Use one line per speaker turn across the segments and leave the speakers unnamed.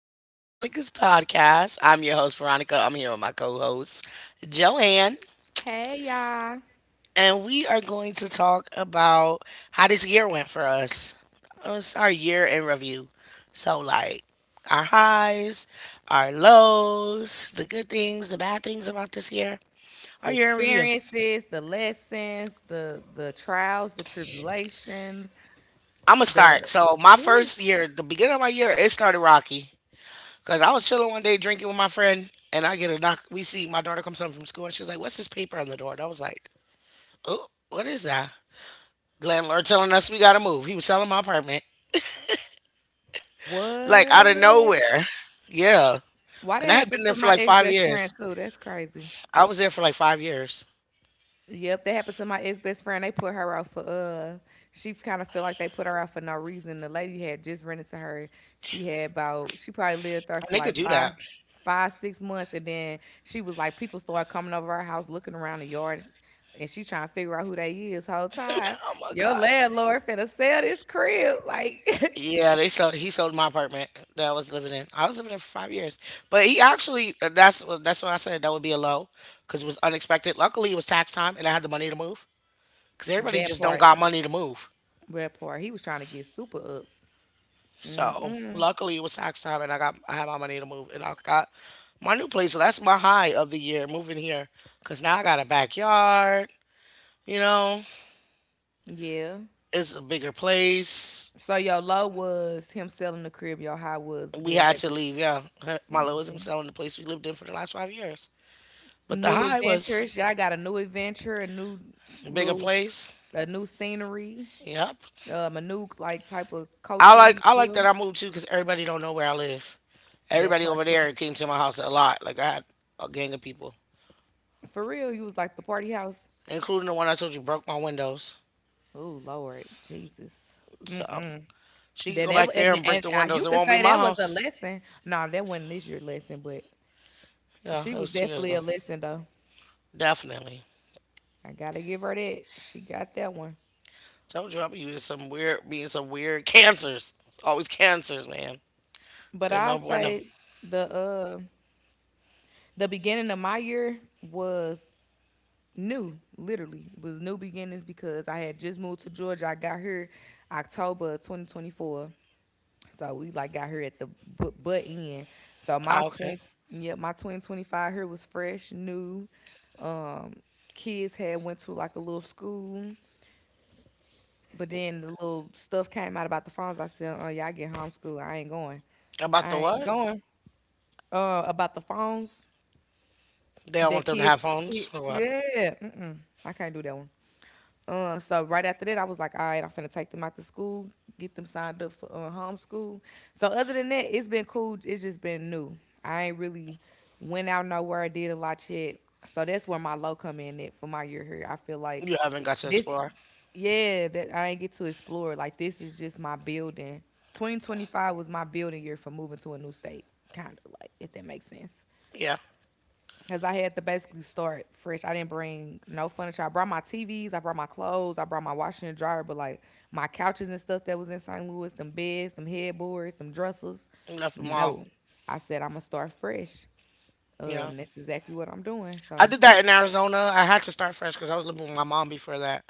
welcome to Veronica's podcast. I'm your host, Veronica. I'm here with my co host, Joanne,
Hey y'all.
and we are going to talk about how this year went for us. It Our year in review. So, like, our highs, our lows, the good things, the bad things about this year, our
The
year in review.
experiences, the lessons, the trials, the tribulations,
I'm going to start.
the
So, my
Ooh,
first year, the beginning of my year, it started rocky. Cause I was chilling one day drinking with my friend, and I get a knock. We see My daughter comes home from school, and she's like, "What's this paper on the door?" And I was like, "Oh, what is that?" Landlord telling us we gotta move. He was selling my apartment, like
what?
out of nowhere. Yeah,
Why that
and I had
happened
been there
to
for
my
like
ex
five
best friend
years.
too? That's crazy.
I was there for like 5 years,
Yep, that happened to my ex best friend. They put her out for she kind of feel like they put her out for no reason. The lady had just rented to her. She had about She probably lived there
and
for
they could
like
do that.
five, 5 6 months, and then she was like people started coming over our house looking around the yard, and she trying to figure out who they is whole time.
Oh my
Your
god.
landlord finna sell this crib like…
Yeah, they sold. He sold my apartment that I was living in. I was living there for 5 years, but he actually that's what I said that would be a low because it was unexpected. Luckily, it was tax time, and I had the money to move, because everybody
That
just don't
part.
got money to move.
That part. He was trying to get super up.
So
Mm-mm.
luckily it was tax time, and I had my money to move, and I got my new place. So that's my high of the year moving here, because now I got a backyard. You know,
Yeah.
it's a bigger place.
So your low was him selling the crib. Your high was
We
being
had to
able…
leave. Yeah, my low is him selling the place we lived in for the last 5 years. But the
New
high was
adventures. Y'all got a new adventure, a new
a bigger
little,
place.
a new scenery,
Yep.
a new like type of
I like
culturally
I like
feel.
that I moved too, because everybody don't know where I live.
That
Everybody
part
over
too.
there came to my house a lot. Like I had a gang of people,
For real, you was like the party house.
including the one I told you broke my windows.
Oh Lord, Jesus.
So she could
Then
go
that wa-
back there and break
and
the
you
windows. It
could
won't be
say
my
that was a
house.
lesson. No, that wasn't this year lesson, but
Yeah,
she
it
was
was 2 years
definitely
ago.
a lesson though.
Definitely.
I gotta give her that. She got that one.
Told you I'll be using some weird cancers. It's always cancers, man.
But
They're
I
no bueno.
say the uh the beginning of my year was new. Literally it was new beginnings because I had just moved to Georgia. I got here October 2024, so we like got here at the butt end. So my
Ah, okay.
20 yeah, my 2025 here was fresh, new, um kids had went to like a little school, but then the little stuff came out about the phones. I said, oh yeah, I get homeschooled.
About the
I ain't
what?
going… about the phones,
They don't want
that
them to
kids
have
kid,
phones or what?
yeah, mm-mm, I can't do that one. So right after that, I was like, all right, I'm finna take them out to school, get them signed up for homeschool. So other than that, it's been cool. It's just been new. I ain't really went out nowhere, did a lot yet. So that's where my low come in at for my year here. I feel like
You haven't got to
this,
explore.
yeah, that I ain't get to explore. Like this is just my building. 2025 was my building year for moving to a new state, kind of, like, if that makes sense.
Yeah,
Cause I had to basically start fresh. I didn't bring no furniture. I brought my TVs, I brought my clothes, I brought my washer and dryer, but like my couches and stuff that was in St. Louis, them beds, them headboards, them dressers.
you left them all.
No. I said I'm gonna start fresh.
Yeah,
That's exactly what I'm doing.
I
So
did that in Arizona. I had to start fresh because I was living with my mom before that.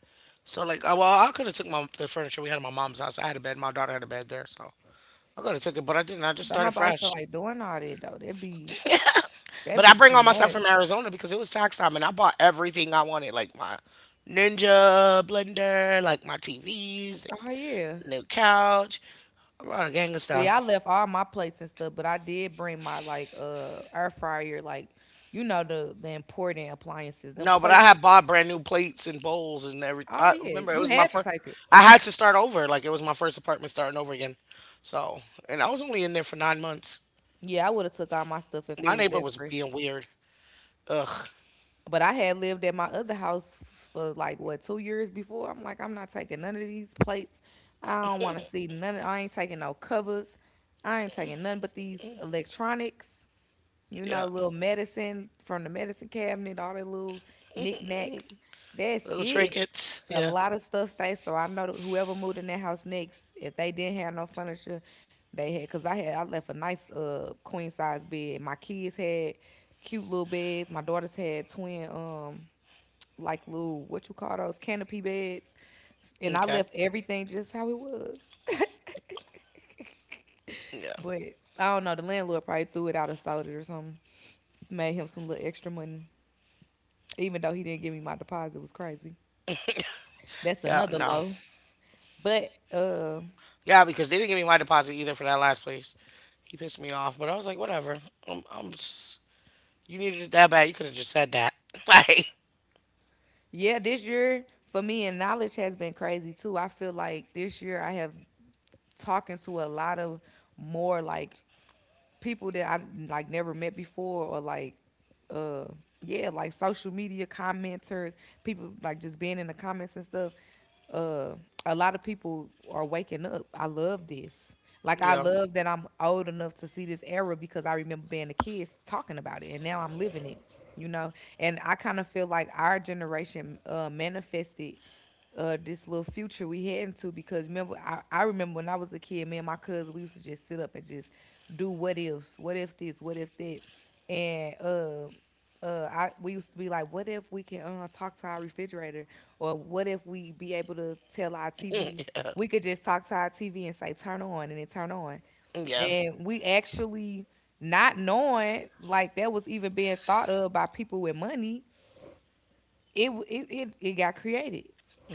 So like, well, I could have took my the furniture we had at my mom's house. I had a bed. My daughter had a bed there, so I could have took it, but I didn't. I just
don't
started
nobody feel
fresh.
like doing all that though. That'd
But I
be
bring
too
all my stuff
much.
from Arizona because it was tax time and I bought everything I wanted, like my Ninja blender, like my TVs,
Oh yeah.
the new couch. I bought a gang of
See, I
stuff.
left all my plates and stuff, but I did bring my like air fryer, like you know the important appliances. Them
No, but I
plates…
had bought brand new plates and bowls and every.
Oh
I
yeah,
remember it
you
was my
had to
first.
take it.
I had to start over. Like it was my first apartment starting over again. So, and I was only in there for 9 months.
Yeah, I would have took all my stuff if it
My
was
neighbor
that
was
fresh.
being weird. Ugh.
But I had lived at my other house for like what, 2 years before. I'm like, I'm not taking none of these plates. I don't want to see none of. I ain't taking no covers. I ain't taking none but these electronics. You
Yeah.
know, little medicine from the medicine cabinet, all the little knickknacks. That's
Little
it.
trinkets.
A
Yeah.
lot of stuff stays. So I know that whoever moved in that house next, if they didn't have no furniture, they had. Cause I had, I left a nice queen size bed. My kids had cute little beds. My daughters had twin like little what you call those canopy beds. And I
Okay.
left everything just how it was.
Yeah.
But I don't know. The landlord probably threw it out of sold it or something. Made him some little extra money. Even though he didn't give me my deposit, it was crazy. That's
Yeah.
another
No.
low. But
Yeah, because they didn't give me my deposit either for that last place. He pissed me off, but I was like, whatever. I'm, I'm just, you needed it that bad. You could have just said that. Like,
yeah, this year for me and knowledge has been crazy too. I feel like this year I have talking to a lot of more like people that I like never met before, or like, uh yeah, like social media commenters, people like just being in the comments and stuff. Uh a lot of people are waking up. I love this. Like I
yeah,
love that I'm old enough to see this era because I remember being a kid talking about it and now I'm living it, you know. And I kind of feel like our generation manifested this little future we heading to. Because remember, I remember when I was a kid, me and my cousin we used to just sit up and just do what ifs, what if this, what if that, and I we used to be like, what if we can talk to our refrigerator, or what if we be able to tell our TV,
yeah,
we could just talk to our TV and say turn on and it turn on,
yeah,
and we actually not knowing like that was even being thought of by people with money, it got created.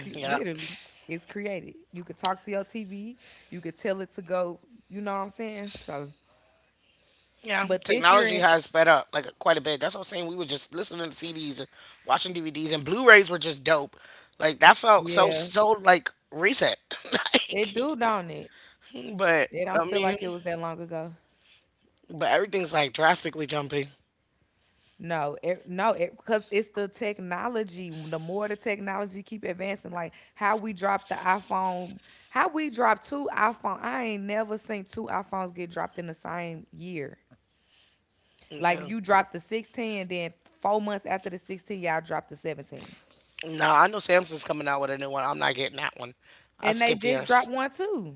yeah,
Literally, it's created. You could talk to your TV. You could tell it to go. You know what I'm saying? So,
yeah.
but this year,
Technology has sped up like quite a bit. That's what I'm saying. We were just listening to CDs, and watching DVDs, and Blu-rays were just dope. Like that felt so
yeah,
so like recent.
it
Like,
do, don't it?
but
It don't
I
feel
mean,
like it was that long ago.
but everything's like drastically jumping.
No, because it's the technology. The more the technology keep advancing, like how we dropped the iPhone, how we dropped two iPhone. I ain't never seen two iPhones get dropped in the same year. Like
Yeah.
you dropped the 16, and then 4 months after the 16, y'all dropped the 17.
No, I know Samsung's coming out with a new one. I'm not getting that one. I
And they
skip
just dropped
yours.
one too.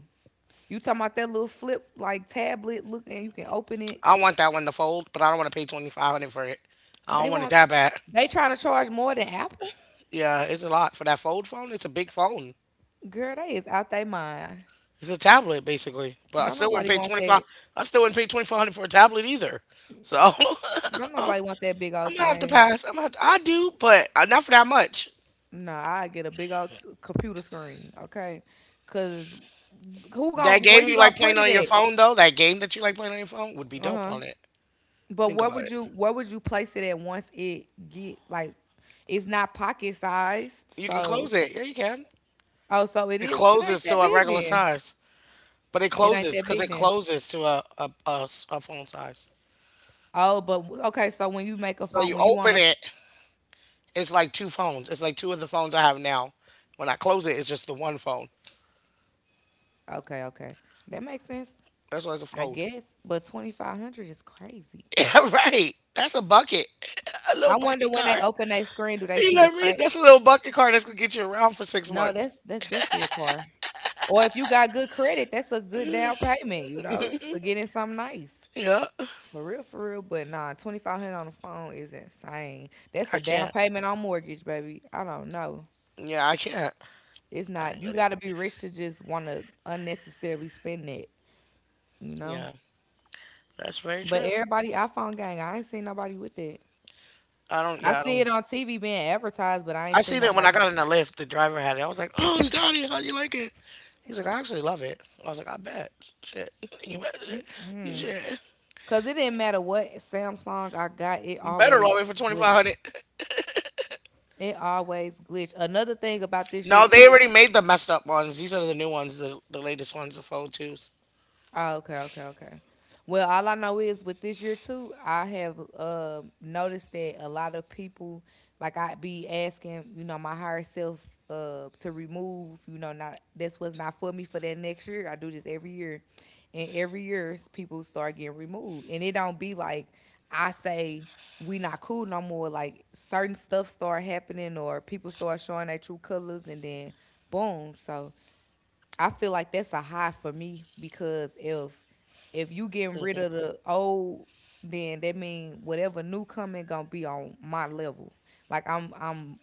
You talking about that little flip like tablet looking, you can open it.
I want that one to fold, but I don't want to pay 2,500 for it. I
They
don't want it
want
that bad.
they trying to charge more than Apple?
Yeah, it's a lot for that fold phone. It's a big phone.
Girl, they is out they mind.
It's a tablet basically, but I
Don't
still wouldn't
nobody
pay
want
25.
that.
I still wouldn't pay 2,500 for a tablet either. So
uh, Don't nobody want that big old
I'm gonna have to
thing.
pass. I'm gonna have to, I do, but not for that much.
No, I get a big old computer screen, okay? Cause who
That
gon' where
game
you
you
gonna
like
put
playing on your
it
phone though, that game that you like playing on your phone would be
at? Uh
dope
huh.
on it.
But
Think about it.
what would you place it at once it get like, it's not pocket sized,
You can
so…
close it. Yeah, you can.
Oh, so it
It
is… it ain't
closes to
that
a
big
regular
then.
size. But it
It ain't
closes
that
because
big
it
then.
closes to a phone size.
Oh, but okay, so when you make a
So
phone
you
when you want
open
to…
it, it's like two phones. It's like two of the phones I have now. When I close it, it's just the one phone.
Okay, okay. That makes sense.
That's why it's a
I
fold.
guess, but 2500 is crazy.
Yeah, right. That's a bucket. A little
I wonder
bucket
when they
card.
open that screen, do they
You
see
know
the
what I mean?
crack?
That's a little bucket card that's gonna get you around for six
No,
months.
that's definitely a car. Or if you got good credit, that's a good down payment, you know, to get in something nice.
Yeah.
For real, for real. But nah, 2500 on the phone is insane. That's a
I
down
can't.
payment on mortgage, baby. I don't know.
Yeah, I can't.
It's
I
not.
ain't
You
with it.
got to be rich to just want to unnecessarily spend that. You know.
Yeah. That's very
But
true.
everybody iPhone gang, I ain't seen nobody with that.
I don't
I
yeah, I
see
don't
it on TV being advertised, but I ain't
I
seen
seen it when I
nobody.
got in the lift. The driver had it. I was like, "Oh, you got it. How you like it?" He's like, "I actually love it." I was like, "I bet." Shit, you better shit. You shit.
Cause it didn't matter what Samsung I got, it
You better
always
love it for twenty five
glitch.
hundred.
It always glitch. Another thing about this year
No, they
too…
already made the messed up ones. These are the new ones, the latest ones, the fold twos.
Oh, okay, okay, okay. Well, all I know is with this year too, I have noticed that a lot of people, like I be asking, you know, my higher self to remove, you know, not… this was not for me for that next year. I do this every year, and every year people start getting removed, and it don't be like I say we not cool no more. Like certain stuff start happening, or people start showing their true colors, and then boom. So I feel like that's a high for me because if you getting
Mm
rid of
hmm
the old, then that mean whatever new coming gonna be on my level. Like I'm…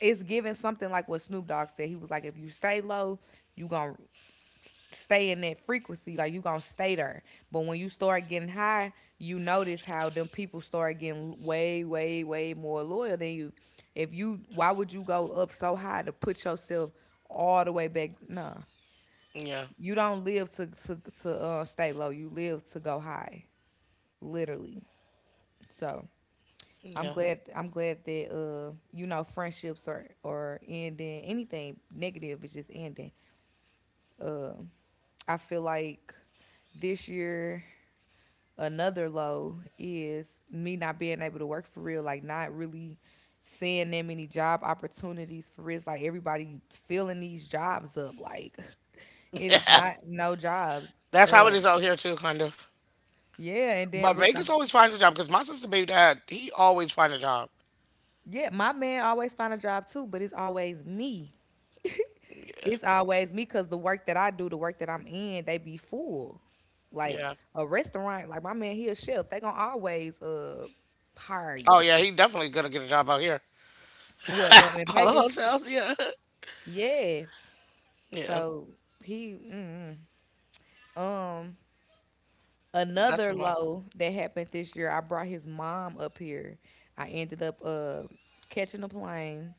it's giving something like what Snoop Dogg said. He was like, if you stay low, you gonna stay in that frequency, like you gonna stay there. But when you start getting high, you notice how them people start getting way, way, way more loyal than you. If you, why would you go up so high to put yourself all the way back? Nah,
Yeah,
you don't live to stay low. You live to go high, literally. So I'm
yeah.
glad, I'm glad that you know friendships are ending. Anything negative is just ending. Uh, I feel like this year another low is me not being able to work for real. Like not really seeing that many job opportunities for real. It's like everybody filling these jobs up. Like it is not no jobs.
That's how
Uh,
it is out here too, kind of.
Yeah, and
But
then with the…
Vegas always finds a job because my sister baby dad, he always find a job.
yeah, my man always find a job too, but it's always me.
Yeah,
It's always me because the work that I do, the work that I'm in, they be full. Like
yeah.
a restaurant, like my man, he a chef. They gonna always hire you.
Oh yeah, he definitely gonna get a job out here.
What up in
All the
Vegas?
hotels, yeah,
Yes.
yeah.
So he mm. um
That's the
another
my
low that happened this year. I brought his mom up here. I ended up catching a plane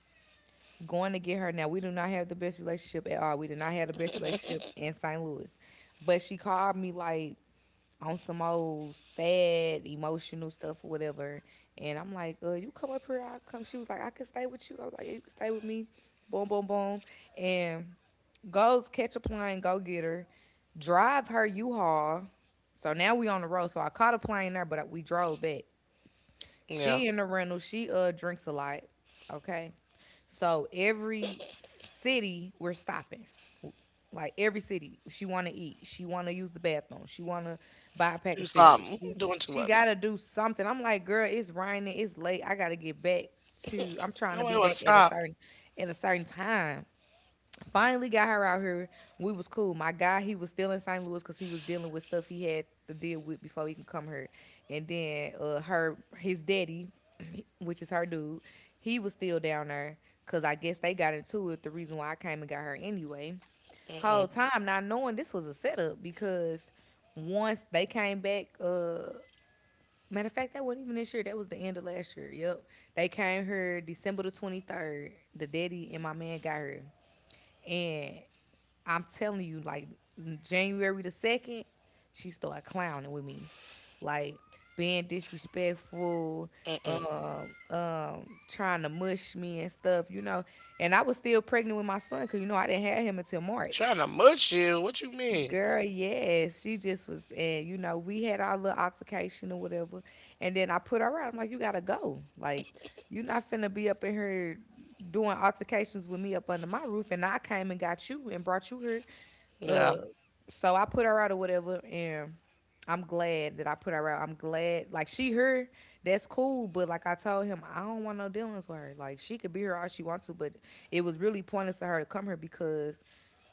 going to get her. Now, we do not have the best relationship at all. We did not have the best relationship in St. Louis. But she called me like on some old sad emotional stuff or whatever. And I'm like, you come up here, I'll come. She was like, I can stay with you. I was like, yeah, you can stay with me. Boom, boom, boom. And goes catch a plane, go get her, drive her U-Haul. So now we on the road. So I caught a plane there, but we drove back.
yeah.
She in the rental. She drinks a lot. Okay. So every city we're stopping. Like every city, she want to eat. She want to use the bathroom. She want to buy a pack
Do
of cigarettes.
something.
She
Doing too
she
much.
got to do something. I'm like, girl, it's raining. It's late. I got to get back to. I'm trying to
Nobody
be
want to
back at a
stop.
certain time. Finally got her out here. We was cool. My guy, he was still in St. Louis because he was dealing with stuff he had to deal with before he can come here. And then her, his daddy, which is her dude, he was still down there because I guess they got into it. The reason why I came and got her anyway, whole time not knowing this was a setup because once they came back, matter of fact, that wasn't even this year. That was the end of last year. Yep, they came here December the 23rd. The daddy and my man got here, and I'm telling you, like January the second, she started clowning with me, like being disrespectful, trying to mush me and stuff, you know. And I was still pregnant with my son because you know I didn't have him until
Trying
March.
to mush you. What you mean?
Girl, yes, she just was, and you know, we had our little altercation or whatever, and then I put her out. I'm like, you gotta go. Like, you're not finna be up in here doing altercations with me up under my roof, and I came and got you and brought you here
Yeah.
so I put her out or whatever, and I'm glad that I put her out. I'm glad, like she her, that's cool. But like I told him, I don't want no dealings with her. Like she could be here all she wants to, but it was really pointless to her to come here because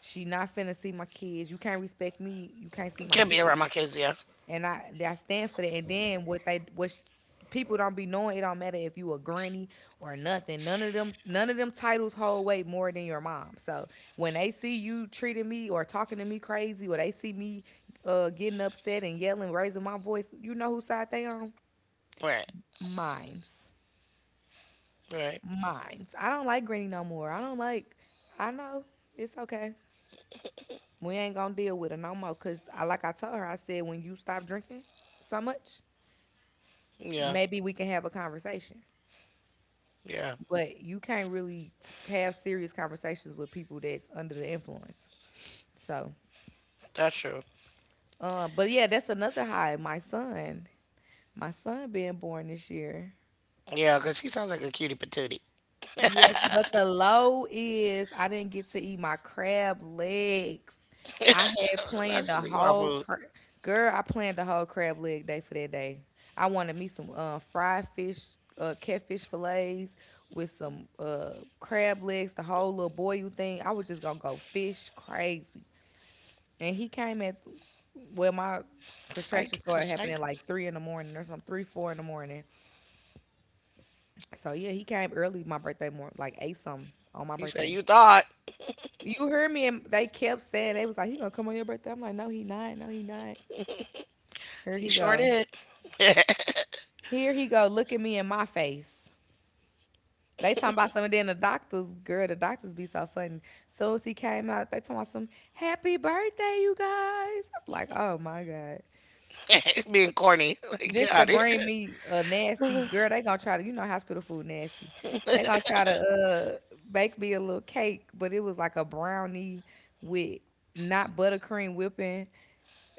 she not finna see my kids. You can't respect me. You can't see my
Can't be around
kids
my kids, yeah.
and I stand for that. And then what people don't be knowing, it don't matter if you a granny or nothing. None of them titles hold weight more than your mom. So when they see you treating me or talking to me crazy, or they see me getting upset and yelling, raising my voice, you know whose side they on?
Right.
Mine's.
Right.
Mine's. I don't like granny no more. I don't like. I know it's okay. We ain't gonna deal with it no more. Cause I like I told her, I said when you stop drinking so much,
Yeah.
maybe we can have a conversation.
Yeah.
But you can't really have serious conversations with people that's under the influence. So,
That's true.
but yeah, that's another high. My son being born this year.
Yeah, because he sounds like a cutie patootie.
Yes, but the low is I didn't get to eat my crab legs. I
Uh,
had
I
planned the
just eat my
whole
food.
crab. Girl, I planned the whole crab leg day for that day. I wanted me some fried fish, catfish fillets with some crab legs, the whole little boil thing. I was just gonna go fish crazy. And he came at, well, my contraction
Psych. It's a
started happening
psych.
like three in the morning or something, three, four in the morning. So yeah, he came early my birthday morning, like eight something on my
He said,
birthday.
"You thought."
You heard me, and they kept saying they was like, "He gonna come on your birthday." I'm like, "No, he not. No, he not." Here
He
he
sure
go.
did.
Here he go. Look at me in my face. They talking about some. And then the doctors, girl, the doctors be so funny. Soon as he came out, they talking about some happy birthday, you guys. I'm like, oh my god.
Being corny. Like, get
Just
out
to
of
bring
here.
me a nasty girl, they gonna try to, you know, hospital food nasty. They gonna try to bake me a little cake, but it was like a brownie with not buttercream whipping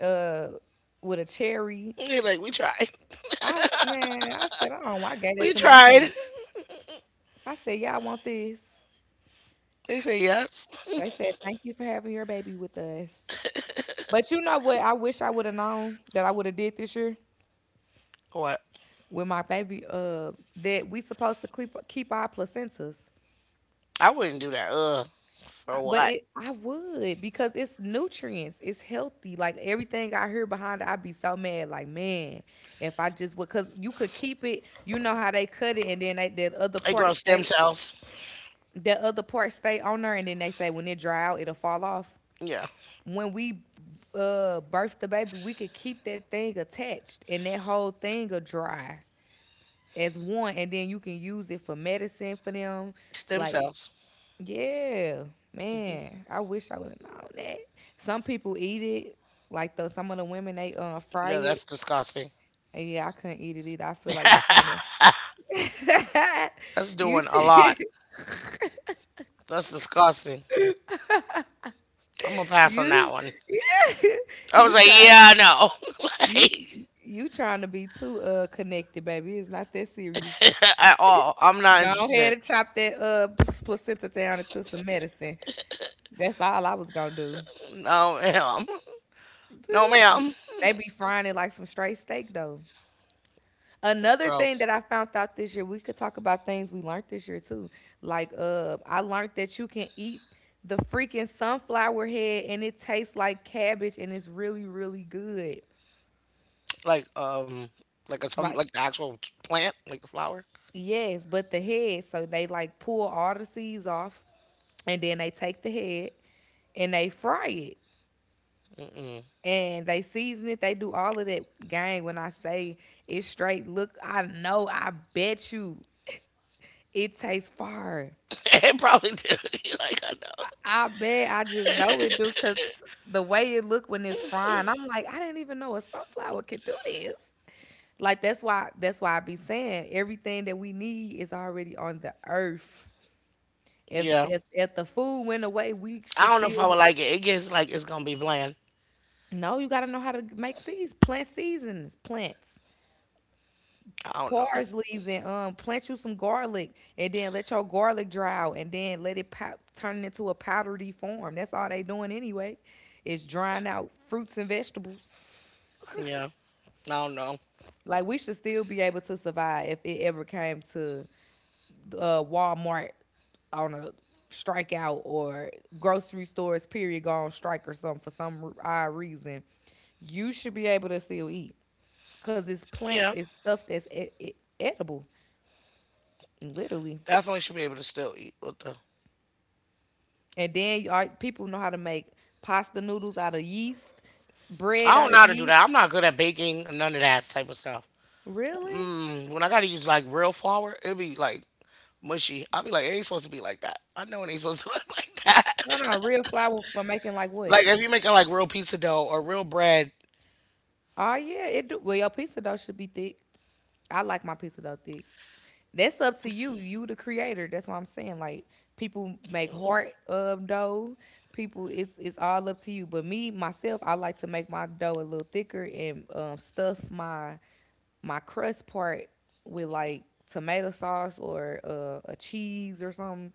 uh with a cherry.
He's like, "We tried."
I man, I said, oh, I gave that
We
to my
tried.
kid. I said, y'all want this?
They say yes.
They said, thank you for having your baby with us. But you know what? I wish I would have known that I would have did this year
What?
with my baby. That we supposed to keep our placentas.
I wouldn't do that. Ugh. For
I- But
what?
it, I would because it's nutrients, it's healthy. Like everything I hear behind it, I'd be so mad. Like man, if I just would, cause you could keep it. You know how they cut it, and then they, that other
They
part
grow
stay
stem cells.
on there, and then they say when it dry out, it'll fall off.
Yeah.
When we birth the baby, we could keep that thing attached, and that whole thing will dry as one, and then you can use it for medicine for them.
Stem
Like,
cells.
yeah, man, I wish I would have known that. Some people eat it, like the some of the women they fry
Yeah, that's
it.
disgusting.
And yeah, I couldn't eat it either. I feel like you trying to
That's
you
doing a lot. That's disgusting. I'm gonna pass on
you
that one.
yeah
I was
you
like,
try
yeah, no,
You
like,
you trying to be too connected, baby. It's not that serious.
at all. I'm not
Go ahead
interested.
and chop that placenta down into some medicine. That's all I was gonna do.
No, ma'am. No, ma'am.
They be frying it like some straight steak though. Another thing
Gross.
that I found out this year, we could talk about things we learned this year too. Like I learned that you can eat the freaking sunflower head and it tastes like cabbage and it's really, really good.
Like, um, like a some
Like
like the actual plant, like the flower.
yes, but the head. So they like pull all the seeds off, and then they take the head and they fry it
Mm-mm.
and they season it. They do all of that. Gang, when I say it's straight, look, I know, I bet you it tastes fire.
It probably did. Like, I know.
I bet I just know it do because the way it look when it's frying, I'm like, I didn't even know a sunflower could do this. Like that's why I be saying everything that we need is already on the earth. If
Yeah.
if if the food went away, we
I
should
don't know if I
still
would like it. It gets like it's gonna be bland.
no. You gotta know how to make seeds, plant seasonings, plants,
I don't know.
parsleys, and plant you some garlic, and then let your garlic dry out, and then let it pop, turn it into a powdery form. That's all they doing anyway. Is drying out fruits and vegetables.
Yeah. I don't know.
Like we should still be able to survive if it ever came to Walmart on a strikeout or grocery stores period go on strike or something for some odd reason, you should be able to still eat because it's plants,
Yeah.
it's stuff that's edible, literally.
Definitely should be able to still eat with the
And then you are, people know how to make pasta noodles out of yeast,
I
bread out
don't
of
know how to do
yeast.
that. I'm not good at baking, none of that type of stuff.
Really?
Mm, when I gotta use like real flour, it'd be like mushy. I'd be like, it ain't supposed to be like that. I know it ain't supposed to look like
No, no,
that.
real flour for making like
Like,
what?
if you're making like real pizza dough or real bread,
Oh yeah, it do. Well, your pizza dough should be thick. I like my pizza dough thick. That's up to you. You the creator. That's what I'm saying. Like people make heart of dough. People, it's all up to you. But me myself, I like to make my dough a little thicker and stuff my crust part with like tomato sauce or a cheese or something.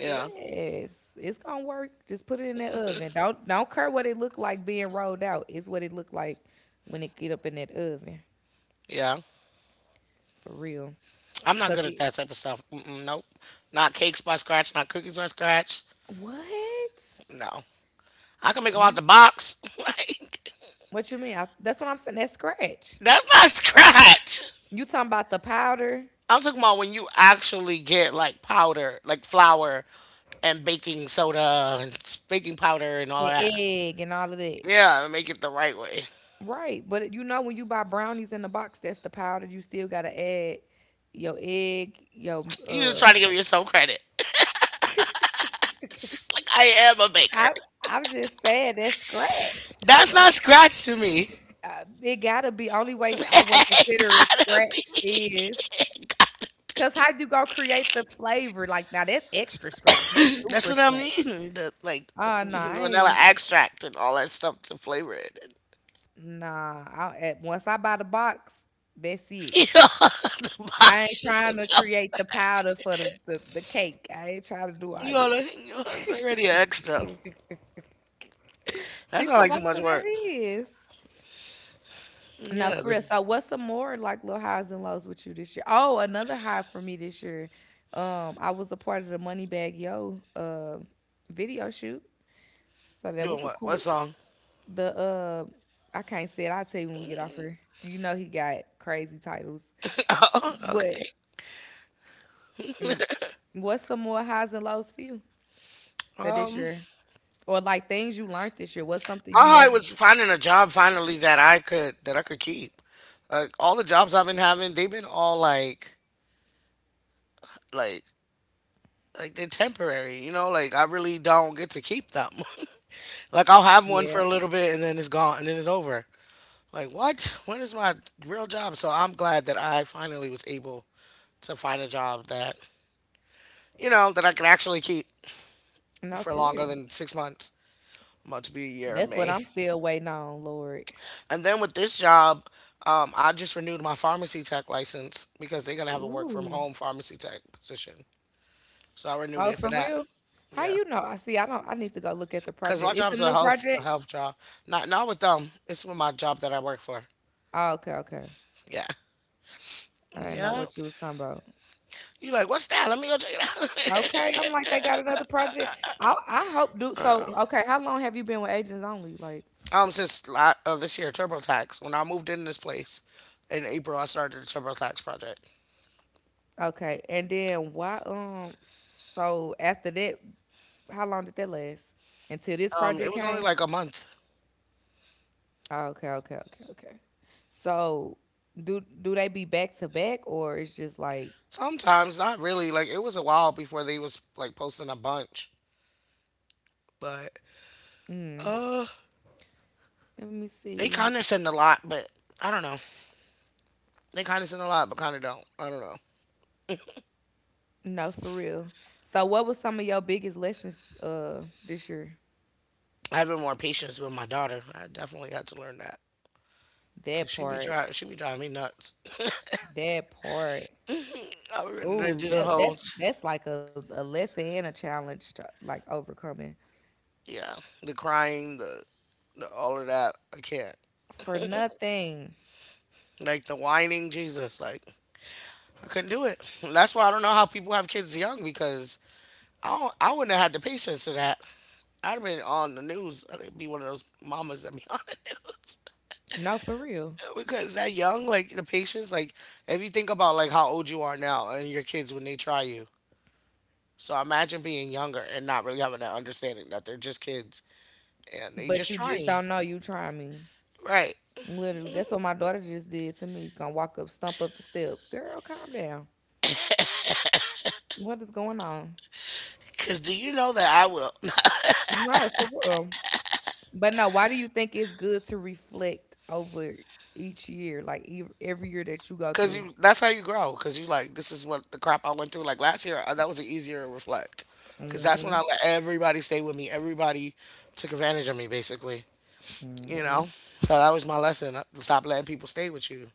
yeah,
Yes, it's gonna work. Just put it in that oven. Don't care what it look like being rolled out. It's what it look like when it get up in that oven,
yeah.
for real.
I'm not
Cause
good at
it
that type of stuff. Mm-mm, nope. Not cakes by scratch, not cookies by scratch.
what?
No. I can make them
Yeah.
out the box. Like,
What you mean? I, that's what I'm saying. That scratch.
that's not scratch.
You talking about the powder
I'm talking about when you actually get like powder, like flour and baking soda and baking powder and all
and
that.
egg and all of that,
Yeah, and make it the right way.
right? But you know when you buy brownies in the box, that's the powder. You still gotta add your egg, your.
You just trying to give yourself credit. It's just like I am a baker.
I I'm just saying that scratch.
That's not scratch to me.
It gotta be only way I would
It
consider it
gotta be.
scratch is, cause how you gonna create the flavor? Like, now that's extra scratch. That's
That's
super
what I
scratch.
mean. Like
Oh, no,
using
I ain't
vanilla
even
extract and all that stuff to flavor it. And,
nah, I eh, once I buy the box, that's it.
you know, the
I
box
ain't
is
trying to
enough.
create the powder for the cake. I ain't trying to do
You
all
know,
that.
it's already an extra.
She
That's not
talking
like
about,
too much
so that
work.
is. No,
Yeah,
for real. So what's some more like little highs and lows with you this year? Oh, another high for me this year. I was a part of the Money Bag Yo video shoot. So that was
doing
a
what? What
cool
song?
the I can't say it, I'll tell you when we get off here. You know he got crazy titles.
Oh,
But
okay.
what's some more highs and lows for you for this
Um,
year? Or like things you learned this year. What's something
My
you
heart
never?
was finding a job finally that I could keep. Like all the jobs I've been having, they've been all like like they're temporary, you know, like I really don't get to keep them. Like I'll have one
Yeah.
for a little bit and then it's gone and then it's over. Like what? When is my real job? So I'm glad that I finally was able to find a job that you know that I can actually keep
No,
for
for
longer
real.
than 6 months. About to be a year in
That's what
May.
I'm still waiting on, Lord.
And then with this job, I just renewed my pharmacy tech license because they're gonna have a work from
Ooh.
home pharmacy tech position. So I renewed
Oh,
it for
for
that.
real? How
Yeah,
you know? I see. I don't. I need to go look at the
because my
project. It's
job's
some
a
new
health a health
projects.
job. Not with them. It's with my job that I work for.
Oh, okay, okay.
Yeah,
I didn't know
yeah.
what you was talking about.
You like what's that? Let me go check it out.
Okay, I'm like they got another project. I hope do so.
Uh,
Okay, how long have you been with Agents Only? Like,
since this year, TurboTax. When I moved in this place in April, I started the TurboTax project.
okay, and then why? So after that, how long did that last? Until this
It
project
was only
came.
like a month.
Oh, okay, okay, okay, okay. So do they be back to back or it's just like?
Sometimes not really. Like it was a while before they was like posting a bunch. But
Mm,
uh,
let me
they
see.
kind of send a lot, but I don't know. They kind of send a lot, but kind of don't. I don't know.
No, for real. So, what was some of your biggest lessons this year?
Having more patience with my daughter, I definitely had to learn that because
That
she be
part,
trying, she be driving me nuts.
that part.
I be ready to
Ooh,
do the whole,
that's like a lesson and a challenge to like overcoming
yeah, the crying, the all of that. I can't.
for nothing.
Like the whining, Jesus, like I couldn't do it. That's why I don't know how people have kids young, because I wouldn't have had the patience for that. I'd have been on the news. I'd be one of those mamas that be on the news.
No, for real.
Because that young, like the patience, like if you think about like how old you are now and your kids when they try you. So imagine being younger and not really having that understanding that they're just kids and they
But
just
you
trying
just
you.
don't know. You try me.
Right.
Literally, that's what my daughter just did to me. Gonna walk up, stump up the steps. Girl, calm down. What is going on?
Cause do you know that I will?
No, for real. But no, why do you think it's good to reflect over each year, like every year that you go
Cause
through?
you, that's how you grow. Cause you like, this is what the crap I went through. Like last year, that was an easier to reflect. Cause that's when
Hmm.
I let everybody stay with me. Everybody took advantage of me, basically. You know. So that was my lesson. Stop letting people stay with you.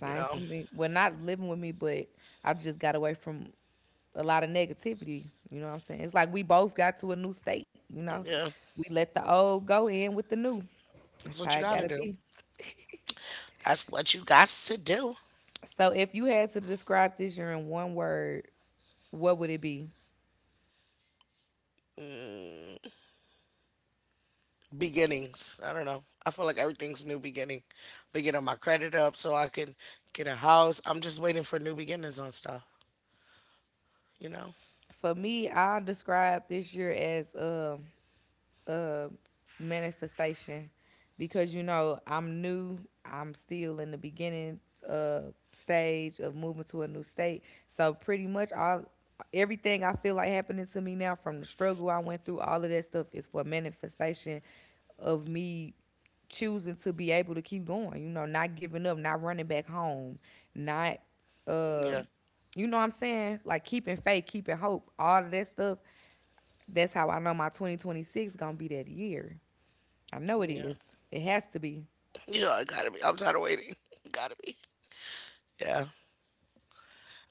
You know.
for me. Well, not living with me, but I just got away from a lot of negativity. You know what I'm saying? It's like we both got to a new state. You know,
Yeah.
we let the old go in with the new.
That's
That's
what
how
you
it
got to
gotta
do.
be.
That's what you got to do.
So, if you had to describe this year in one word, what would it be?
Beginnings. I don't know. I feel like everything's new beginning. But getting my credit up so I can get a house. I'm just waiting for new beginnings on stuff, you know?
For me, I'll describe this year as uh, manifestation because you know I'm new. I'm still in the beginning uh, stage of moving to a new state. So pretty much all everything I feel like happening to me now from the struggle I went through, all of that stuff is for manifestation of me choosing to be able to keep going. You know, not giving up, not running back home, not uh
Yeah.
you know what I'm saying? Like keeping faith, keeping hope, all of that stuff, that's how I know my 2026 gonna be that year. I know it
Yeah.
is. It has to be.
Yeah, I gotta be. I'm tired of waiting. Gotta be. Yeah.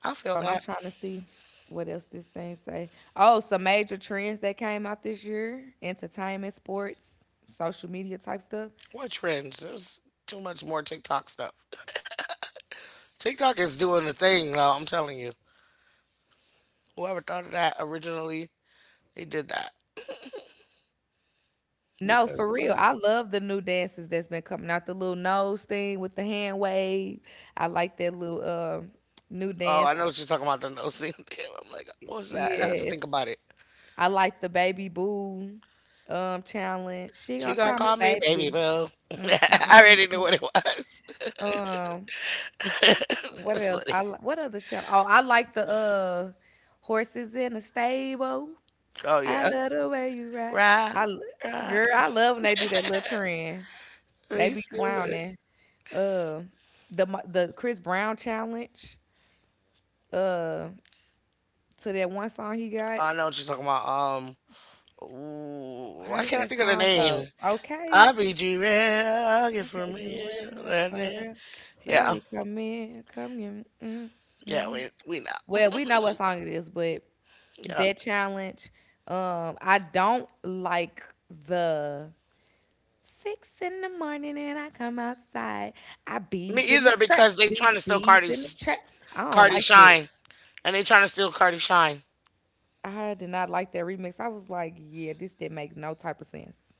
I feel
And I'm
that.
trying to see what else this thing say. Oh, some major trends that came out this year: entertainment, sports, social media type stuff.
What trends? There's too much more TikTok stuff. TikTok is doing the thing now, I'm telling you. Whoever thought of that originally, they did that.
No,
Because
for real.
what?
I love the new dances that's been coming out. The little nose thing with the hand wave. I like that little new
Oh,
dance.
I know what you're talking about, the no scene thing. I'm like, what was that? I had to
Yes.
think about it.
I like the baby boo challenge. She
She
gonna
gonna
call me
call me baby
baby.
boo. I already knew what it was.
Um, what
That's
else?
funny.
What other show? Oh, I like the horses in the stable.
Oh
I
yeah.
love the way you ride.
Right,
I l-
right.
Girl, I love when they do that little trend. They be
He's stupid.
clowning. Uh, the Chris Brown challenge. Uh, to that one song he got.
I know what you're talking about. Ooh,
How
why
did
can't I
that
think of the
song
name?
go?
I'll
Okay,
be G real, get
okay,
from here.
Joel, for real,
Yeah,
baby, come in, come in. Mm.
yeah, we know.
Well, we know what song it is, but.
Yeah.
That challenge. I don't like the six in the morning and I come outside. I
Me
bees in the
either,
trap,
because they
bee
trying to steal
bees in the
Cardi's
trap. I don't
Cardi
like that.
Shine. And they trying to steal Cardi Shine.
I did not like that remix. I was like, yeah, this didn't make no type of sense.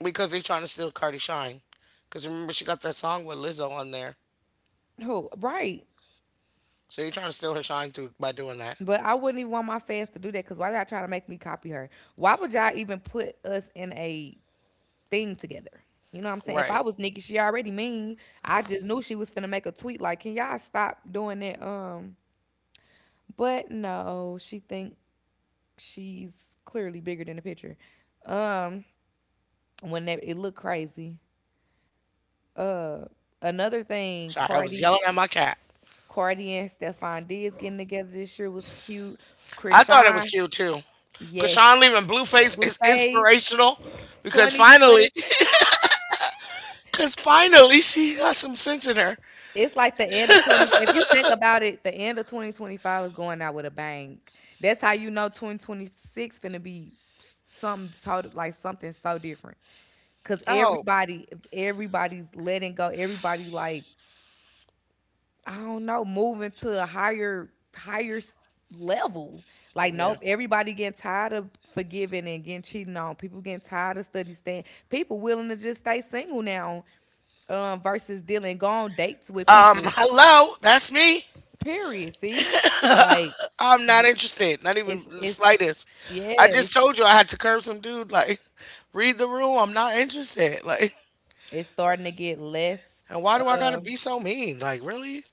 Because they trying to steal Cardi Shine. Because remember she got that song with Lizzo on there.
Who? Right.
So you're trying to steal her shine through by doing that.
But I wouldn't even want my fans to do that because why y'all trying to make me copy her? Why would y'all even put us in a thing together? You know what I'm saying? If I
Right.
was Nikki, she already mean. I just knew she was finna make a tweet like, "Can y'all stop doing that?" But no, she think she's clearly bigger than the picture. Um, when that, it looked crazy. Uh, another thing,
Sorry, I was
Cardi,
yelling at my cat.
Cardi and Stefan Diggs getting together this year was cute.
I thought it was
Krishan,
cute too. Cause Sean
yes,
leaving Blueface is
Blueface,
inspirational, because finally
2020.
cause finally she got some sense in her.
It's like the end of 20 if you think about it, the end of 2025 is going out with a bang. That's how you know 2026 finna be something so like something so different. Cause
Oh.
everybody's letting go. Everybody like, I don't know, moving to a higher, higher level. Like,
Yeah.
nope, everybody getting tired of forgiving and getting cheating on. People getting tired of study stand. People willing to just stay single now, versus dealing, go on dates with
Um,
people.
hello, that's me.
Period. See, like
I'm not interested. Not even
it's
the
it's
slightest. I
yeah,
just told you I had to curb some dude, like, read the room, I'm not interested. Like,
it's starting to get
and
less.
why do I gotta be so mean? Like, really?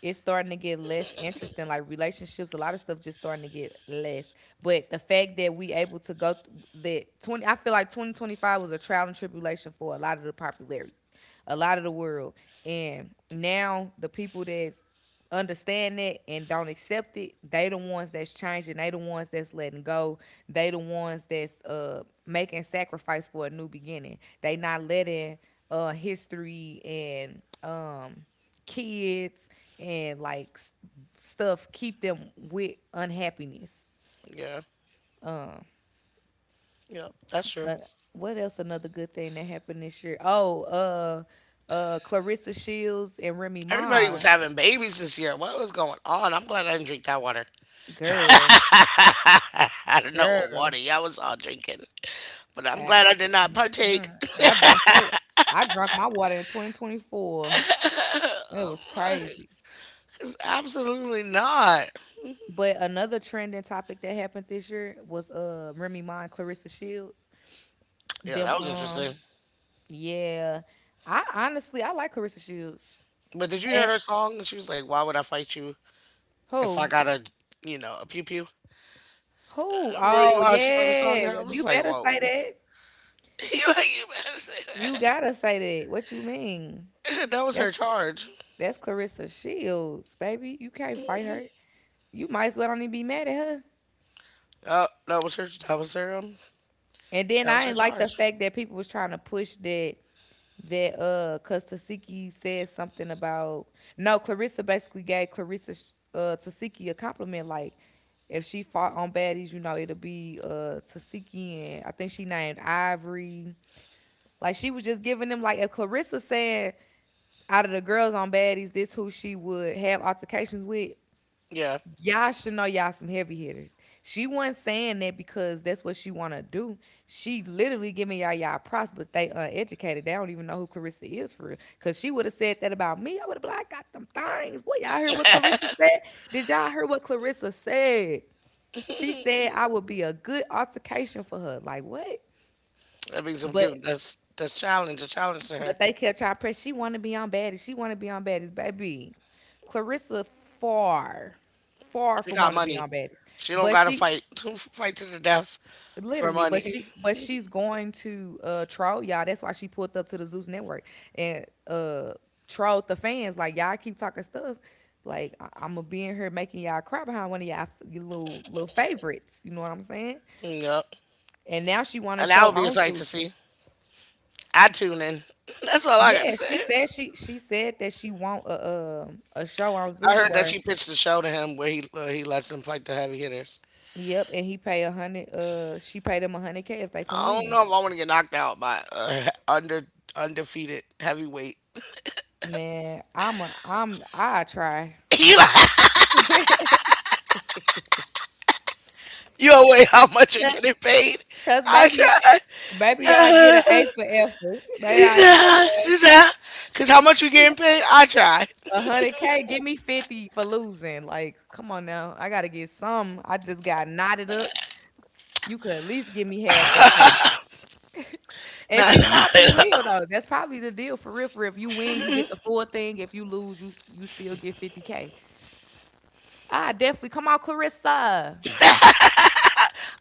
It's starting to get less interesting. Like relationships, a lot of stuff just starting to get less. But the fact that we able to go th- that 20, I feel like 2025 was a trial and tribulation for a lot of the popularity, a lot of the world, and now the people that's understand it and don't accept it, they the ones that's changing. They the ones that's letting go. They the ones that's making sacrifice for a new beginning. They not letting history and kids and like stuff keep them with unhappiness.
Yeah, yeah, that's true.
But what else? Another good thing that happened this year? Oh, Clarissa Shields and Remy
Everybody was
Ma,
having babies this year. What was going on? I'm glad I didn't drink that water.
girl,
I don't know what
girl.
water y'all was all drinking, but I'm
I,
glad I did not partake.
Mm, I drank that. I drank my water in 2024. It was crazy.
Was all drinking, but I am glad I did not partake. It's absolutely not.
But another trending topic that happened this year was Remy Ma and Clarissa Shields.
Yeah,
Them
that was interesting.
yeah. I honestly I like Clarissa Shields.
But did you hear
And
her song? She was like, "Why would I fight you if I
who?
got a pew pew?"
Who?
Really?
Oh
Ma, she wrote a song there. I
yeah.
was
You
like,
better say
"Whoa!"
that.
You like, you better say
You
that.
gotta say that. What you mean?
That was her
That's
charge.
that's Clarissa Shields, baby. You can't fight her. You might as well don't even be mad at her.
That was her. That was her. Um,
And then
that was
I
her
ain't like the
charge.
fact that people was trying to push that that cuz Tasiki said something about, no Clarissa basically gave Clarissa Tasiki a compliment like, if she fought on baddies, you know, it'll be Tasiki and I think she named Ivory. Like she was just giving them like if Clarissa said out of the girls on baddies, this who she would have altercations with.
Yeah.
Y'all should know y'all some heavy hitters. She wasn't saying that because that's what she wanna do. She literally giving y'all y'all props, but they uneducated. They don't even know who Clarissa is for real. Cause she would have said that about me. I would have been like, I got them things. Boy, y'all heard what Clarissa said? Did y'all hear what Clarissa said? She said I would be a good altercation for her. Like what?
That means I'm
But
giving, that's challenge, a challenge to her.
but they kept trying to press. She wanna be on baddies. She wanna be on baddies, baby. Clarissa far, far
She
from
got
wanna be
money.
on baddies.
She don't
But
gotta
she,
fight fight to the death for
literally, but
money.
she's going to troll y'all. That's why she pulled up to the Zeus Network and trolled the fans. Like y'all keep talking stuff. Like I'm gonna be in here making y'all cry behind one of y'all your little favorites. You know what I'm saying?
Yep.
And now she want to
And that
show
would be a
on
sight to
Zeus.
see. I tune in. That's all I gotta
Yeah, she
say.
said she said that she want a show on
I
Zeus
heard that
where
she pitched the show to him, where he lets him fight the heavy hitters.
yep, and he pay a hundred she paid him 100K if they can
I don't
win.
know if I want to get knocked out by under undefeated heavyweight.
Man, I'm a I'm I try.
Eli, you don't wait how much you're
Cause
getting paid. I
baby,
try.
Baby, I get an A for effort. Baby,
She
I
said,
get
she said, cause how much you getting paid? I try.
100K. Give me 50 for losing. Like, come on now. I gotta get some. I just got knotted up. You could at least give me half that payment. And
Nah,
she
nah,
probably
nah.
will though. That's probably the deal for real. For real. If you win, you get the full thing. If you lose, you still get 50 K. I definitely come on, Clarissa.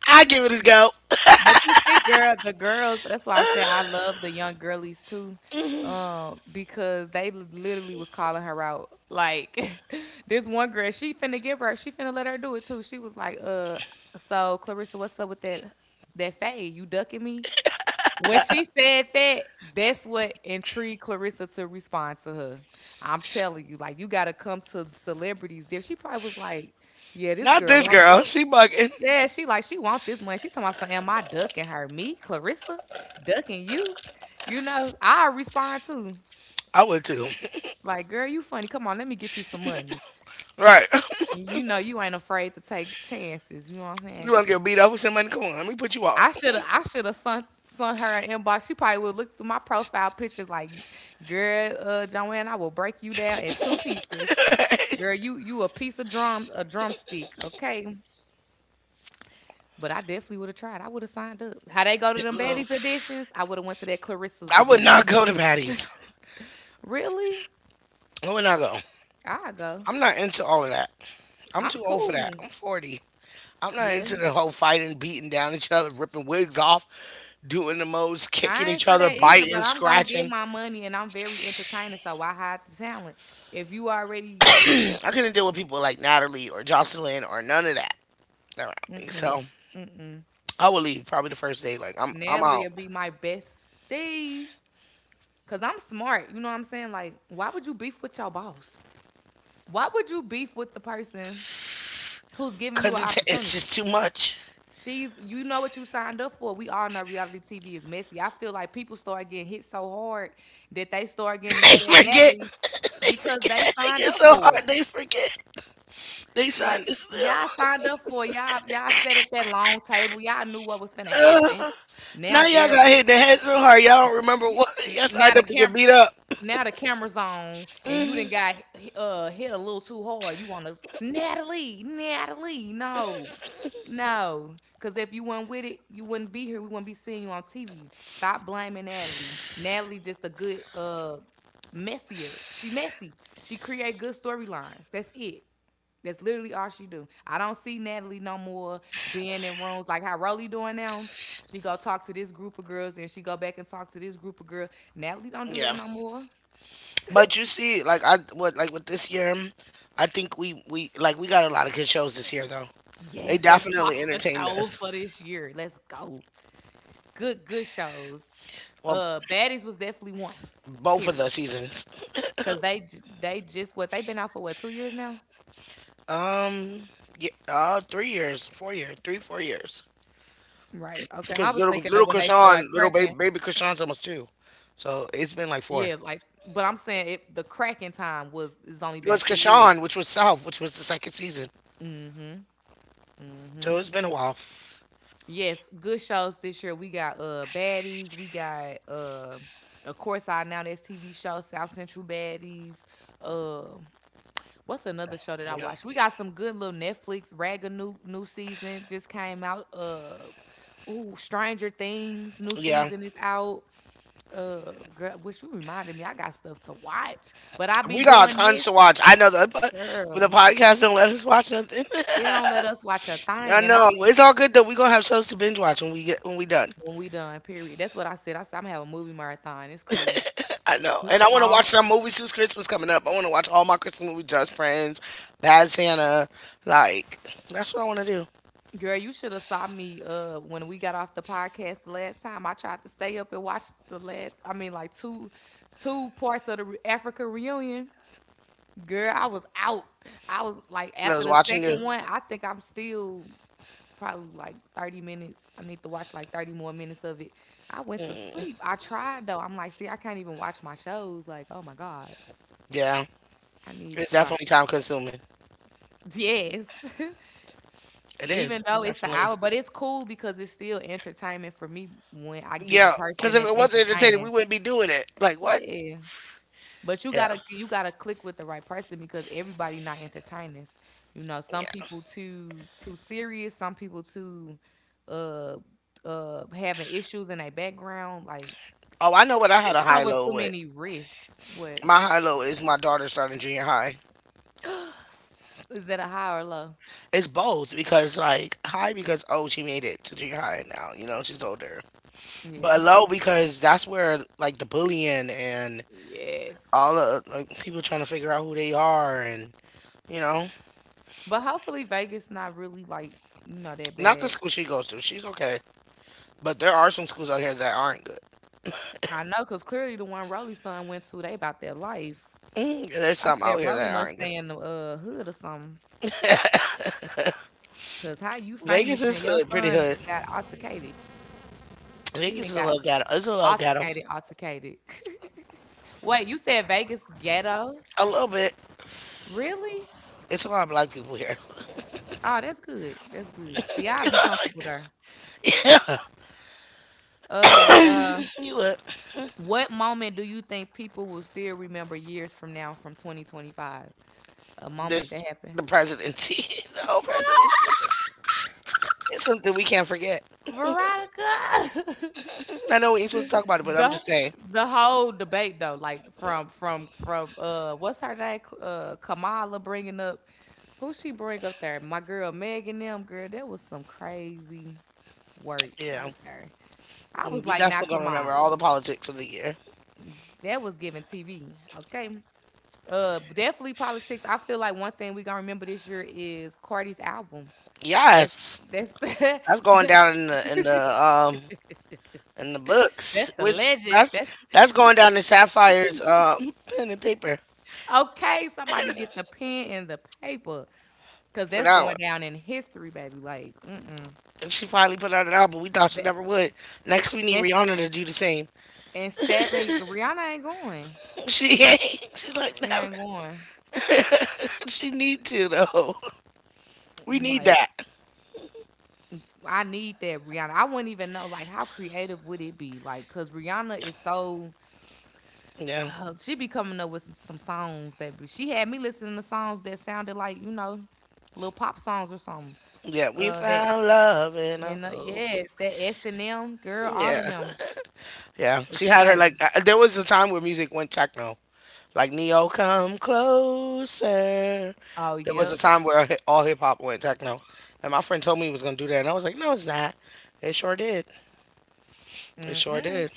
I give it a go.
But you see, girl, the girls, that's why I say I love the young girlies too. Because they literally was calling her out. Like this one girl, she finna give her, she finna let her do it too. She was like, so Clarissa, what's up with that that fade? You ducking me? When she said that, that's what intrigued Clarissa to respond to her. I'm telling you, like you gotta come to celebrities there. She probably was like, yeah, this
Not
girl
this
wants,
girl. She bugging.
yeah, she like she want this money. She talking about something. Am I ducking her? Me, Clarissa, ducking you? You know, I respond too.
I would too.
Like, girl, you funny. Come on, let me get you some money.
Right.
And you know, you ain't afraid to take chances. You know what I'm
You
saying?
want to get beat up with somebody? Come on, let me put you out.
I should have sent her an inbox. She probably would look through my profile pictures like, girl, Joanne, I will break you down in two pieces. Girl, you a piece of drum, a drumstick. Okay, but I definitely would have tried. I would have signed up. How they go to them baddies editions? I would have went to that Clarissa's
I would not
edition.
go to Patty's.
Really?
I would not go.
I go.
I'm not into all of that. I'm
I'm
too old for that.
cool.
I'm 40. I'm not
Yeah.
into the whole fighting, beating down each other, ripping wigs off, doing the most, kicking
I ain't
each
for
other,
that either, but
biting,
I'm gonna get
scratching.
my money and I'm very entertaining, so I hide the talent. If you already
I couldn't deal with people like Natalie or Jocelyn or none of that. No, so I would leave probably the first day. Like I'm
Natalie
out.
would be my bestie. Cause I'm smart. You know what I'm saying? Like, why would you beef with your boss? Why would you beef with the person who's giving you
Cause
an
it's it's
opportunity?
just too much.
She's, you know what you signed up for. We all know reality TV is messy. I feel like people start getting hit so hard that they start getting
They
mad at
forget.
Natalie
They
because they
forget. They
signed
get
up
so
for
hard.
it.
They forget. They signed
Like
this deal.
y'all signed up for it. Y'all. Y'all sat at that long table. Y'all knew what was finna happen.
Ugh.
Now,
Now y'all
air.
got hit in the head so hard y'all don't remember what y'all
Now
signed
the
up to get
camera.
beat up.
Now the camera's on, and you done got hit a little too hard. You want to Natalie, Natalie, no, no, because if you weren't with it, you wouldn't be here. We wouldn't be seeing you on TV. Stop blaming Natalie. Natalie just a good messier. She messy. She create good storylines. That's it. That's literally all she do. I don't see Natalie no more being in rooms like how Rolly doing now. She go talk to this group of girls, then she go back and talk to this group of girls. Natalie don't do
Yeah,
that no more.
but you see, like I what like with this year, I think we like we got a lot of good shows this year though. They
Yes, let's talk
definitely
the
entertained
show
us.
for this year. Let's go. Good, good shows.
Well,
Baddies was definitely one.
both of
Period.
the seasons.
Cause they just what they've been out for what, 2 years now?
Um, yeah, 3 years, 4 years, three four years.
Right. Okay. I
Because
was
little
thinking of
little
when they
Krishan,
started
little baby
cracking.
baby Krishan's almost two, so it's been like four.
Yeah. Like, but I'm saying it, the cracking time was it's only
It
been
was
2 years.
Krishan, which was South, which was the second season. So it's been a while.
Yes, good shows this year. We got Baddies, we got of course our now that's TV show, South Central Baddies, um what's another show that I
Yeah,
watched? We got some good little Netflix ragga new season just came out. Ooh, Stranger Things new
yeah.
season is out. Girl, which you reminded me, I got stuff to watch, but I be
We got
doing
tons to
this,
watch. I know that, but the
girl.
podcast don't let us watch nothing.
It don't let us watch a
I
thing, and
know, it's all good though. We gonna have shows to binge watch when we get when we done.
when we done. Period. That's what I said. I said I'm gonna have a movie marathon. It's cool.
I know, and I want to watch
I
some movies since Christmas coming up. I want to watch all my Christmas movies: Just Friends, Bad Santa. Like that's what I want to do.
girl, you should have saw me when we got off the podcast the last time. I tried to stay up and watch the last. I mean, like two parts of the Africa reunion. Girl, I was out. I was like
I
after
was
the
watching it.
second one. I think I'm still probably like 30 minutes. I need to watch like 30 more minutes of it. I went to sleep. I tried though. I'm like, see, I can't even watch my shows. Like, oh my god,
Yeah,
I need
it's
to watch.
definitely time consuming.
Yes.
It is.
Even
It
though it's an
definitely
hour,
is.
but it's cool because it's still entertainment for me when I get a
Yeah, because
person
if
that's
it wasn't entertaining, we
entertaining.
wouldn't be doing it. Like what?
Yeah. But
Yeah,
you gotta click with the right person because everybody not entertainers. You know, some
yeah.
people too serious, some people too uh having issues in their background. Like
Oh, I know what I had
this
a
come
high
with
low
too
with.
many risks. What
My high low is my daughter starting junior high.
is that a high or low?
It's both, because like high because oh she made it to junior high now you know she's older, but
Yeah.
low because that's where like the bullying and all
Yes.
the, like, people trying to figure out who they are, and you know,
But hopefully Vegas not really like, you know, that
not the
bad.
school she goes to, she's okay, but there are some schools out here that aren't good.
I know, because clearly the one Rolly's son went to, they about their life.
There's
I
some out
said,
here
Rolly
that
must
aren't good.
stay in the hood or something. Because how you
Vegas
famous
is
and your
hood, pretty
son
hood.
got altercated? He
Vegas
done
is a
got
little ghetto. It's a little ghetto.
altercated, altercated. Wait, you said Vegas ghetto?
A little bit.
Really?
It's a lot of black people here.
Oh, that's good. That's good. See, I'd be comfortable there.
Yeah,
Uh, uh,
you would.
what moment do you think people will still remember years from now from 2025? A moment
There's
that happened?
the presidency, the whole presidency. It's something we can't forget.
Veronica!
I know we ain't supposed to talk about it, but I'm
the
just saying.
the whole debate though, like from what's her name? Kamala bringing up who she bring up there? My girl Megan them girl. That was some crazy work
Yeah.
right there. I
Mm,
was
you
like, now
definitely gonna remember all
Kamala,
the politics of the year.
that was giving TV. Okay, definitely politics. I feel like one thing we gonna remember this year is Cardi's album. That's
Yes,
that's
that's going down in the in the
that's
books.
the
Which
legend.
that's
That's
that's going down in Sapphire's pen and paper
okay. Somebody get the pen and the paper. Cause
for
that's
that one.
going down in history, baby. Like, mm-mm.
And she finally put out an album. We thought she
That,
never would. Next, we need
that's
Rihanna to do the same.
and seven. Rihanna ain't going.
She ain't. She's like
She
never.
ain't going.
She need to though. We need
Like,
that.
I need that Rihanna. I wouldn't even know. Like, how creative would it be? Like, cause Rihanna is so.
Yeah.
She be coming up with some songs, baby. She had me listening to songs that sounded like you know, little pop songs or something.
Yeah, we
That
found love in
you
a
know,
hopeless-
yes, that S and M girl, all of
Yeah,
them.
yeah.
It's
She had her like.
crazy.
There was a time where music went techno, like Neo, come closer.
Oh
There was a
yep.
time where all hip hop went techno, and my friend told me he was gonna do that, and I was like, no, it's not. It sure did. It sure
Mm-mm.
did.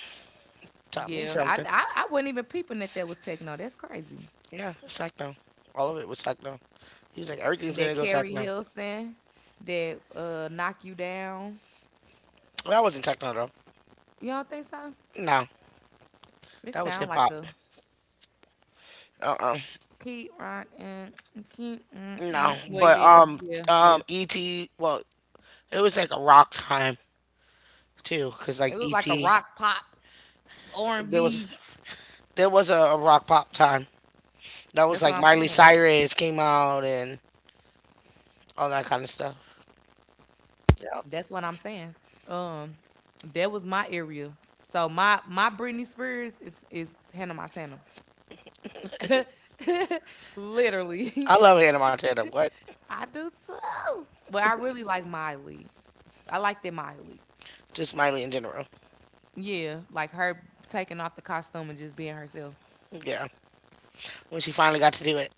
Taught me
Yeah,
something.
I wasn't even peeping that that was techno. That's crazy.
Yeah, it's techno. All of it was techno. He was like, everything's gonna
That
go
Carrie
techno.
Hilson, that knock you down.
That wasn't techno though.
You don't think so?
No,
It
that was
sound
hip
like
hop.
a
Uh-uh.
keep rockin', keep. Mm,
No,
mm. Well,
but
yeah, yeah, yeah.
E.T. Well, it was like a rock time too, 'cause
It
like
was like a
E.T.
rock pop R and
There was
B.
there was a rock pop time. That was
That's what
like
I'm
Miley
saying.
Cyrus came out and all that kind of stuff. Yeah,
That's what I'm saying. Um, that was my area. So my Britney Spears is Hannah Montana, literally.
I love Hannah Montana. What?
I do too. But I really like Miley. I like that Miley.
Just Miley in general.
Yeah, like her taking off the costume and just being herself.
Yeah, when she finally got to do it.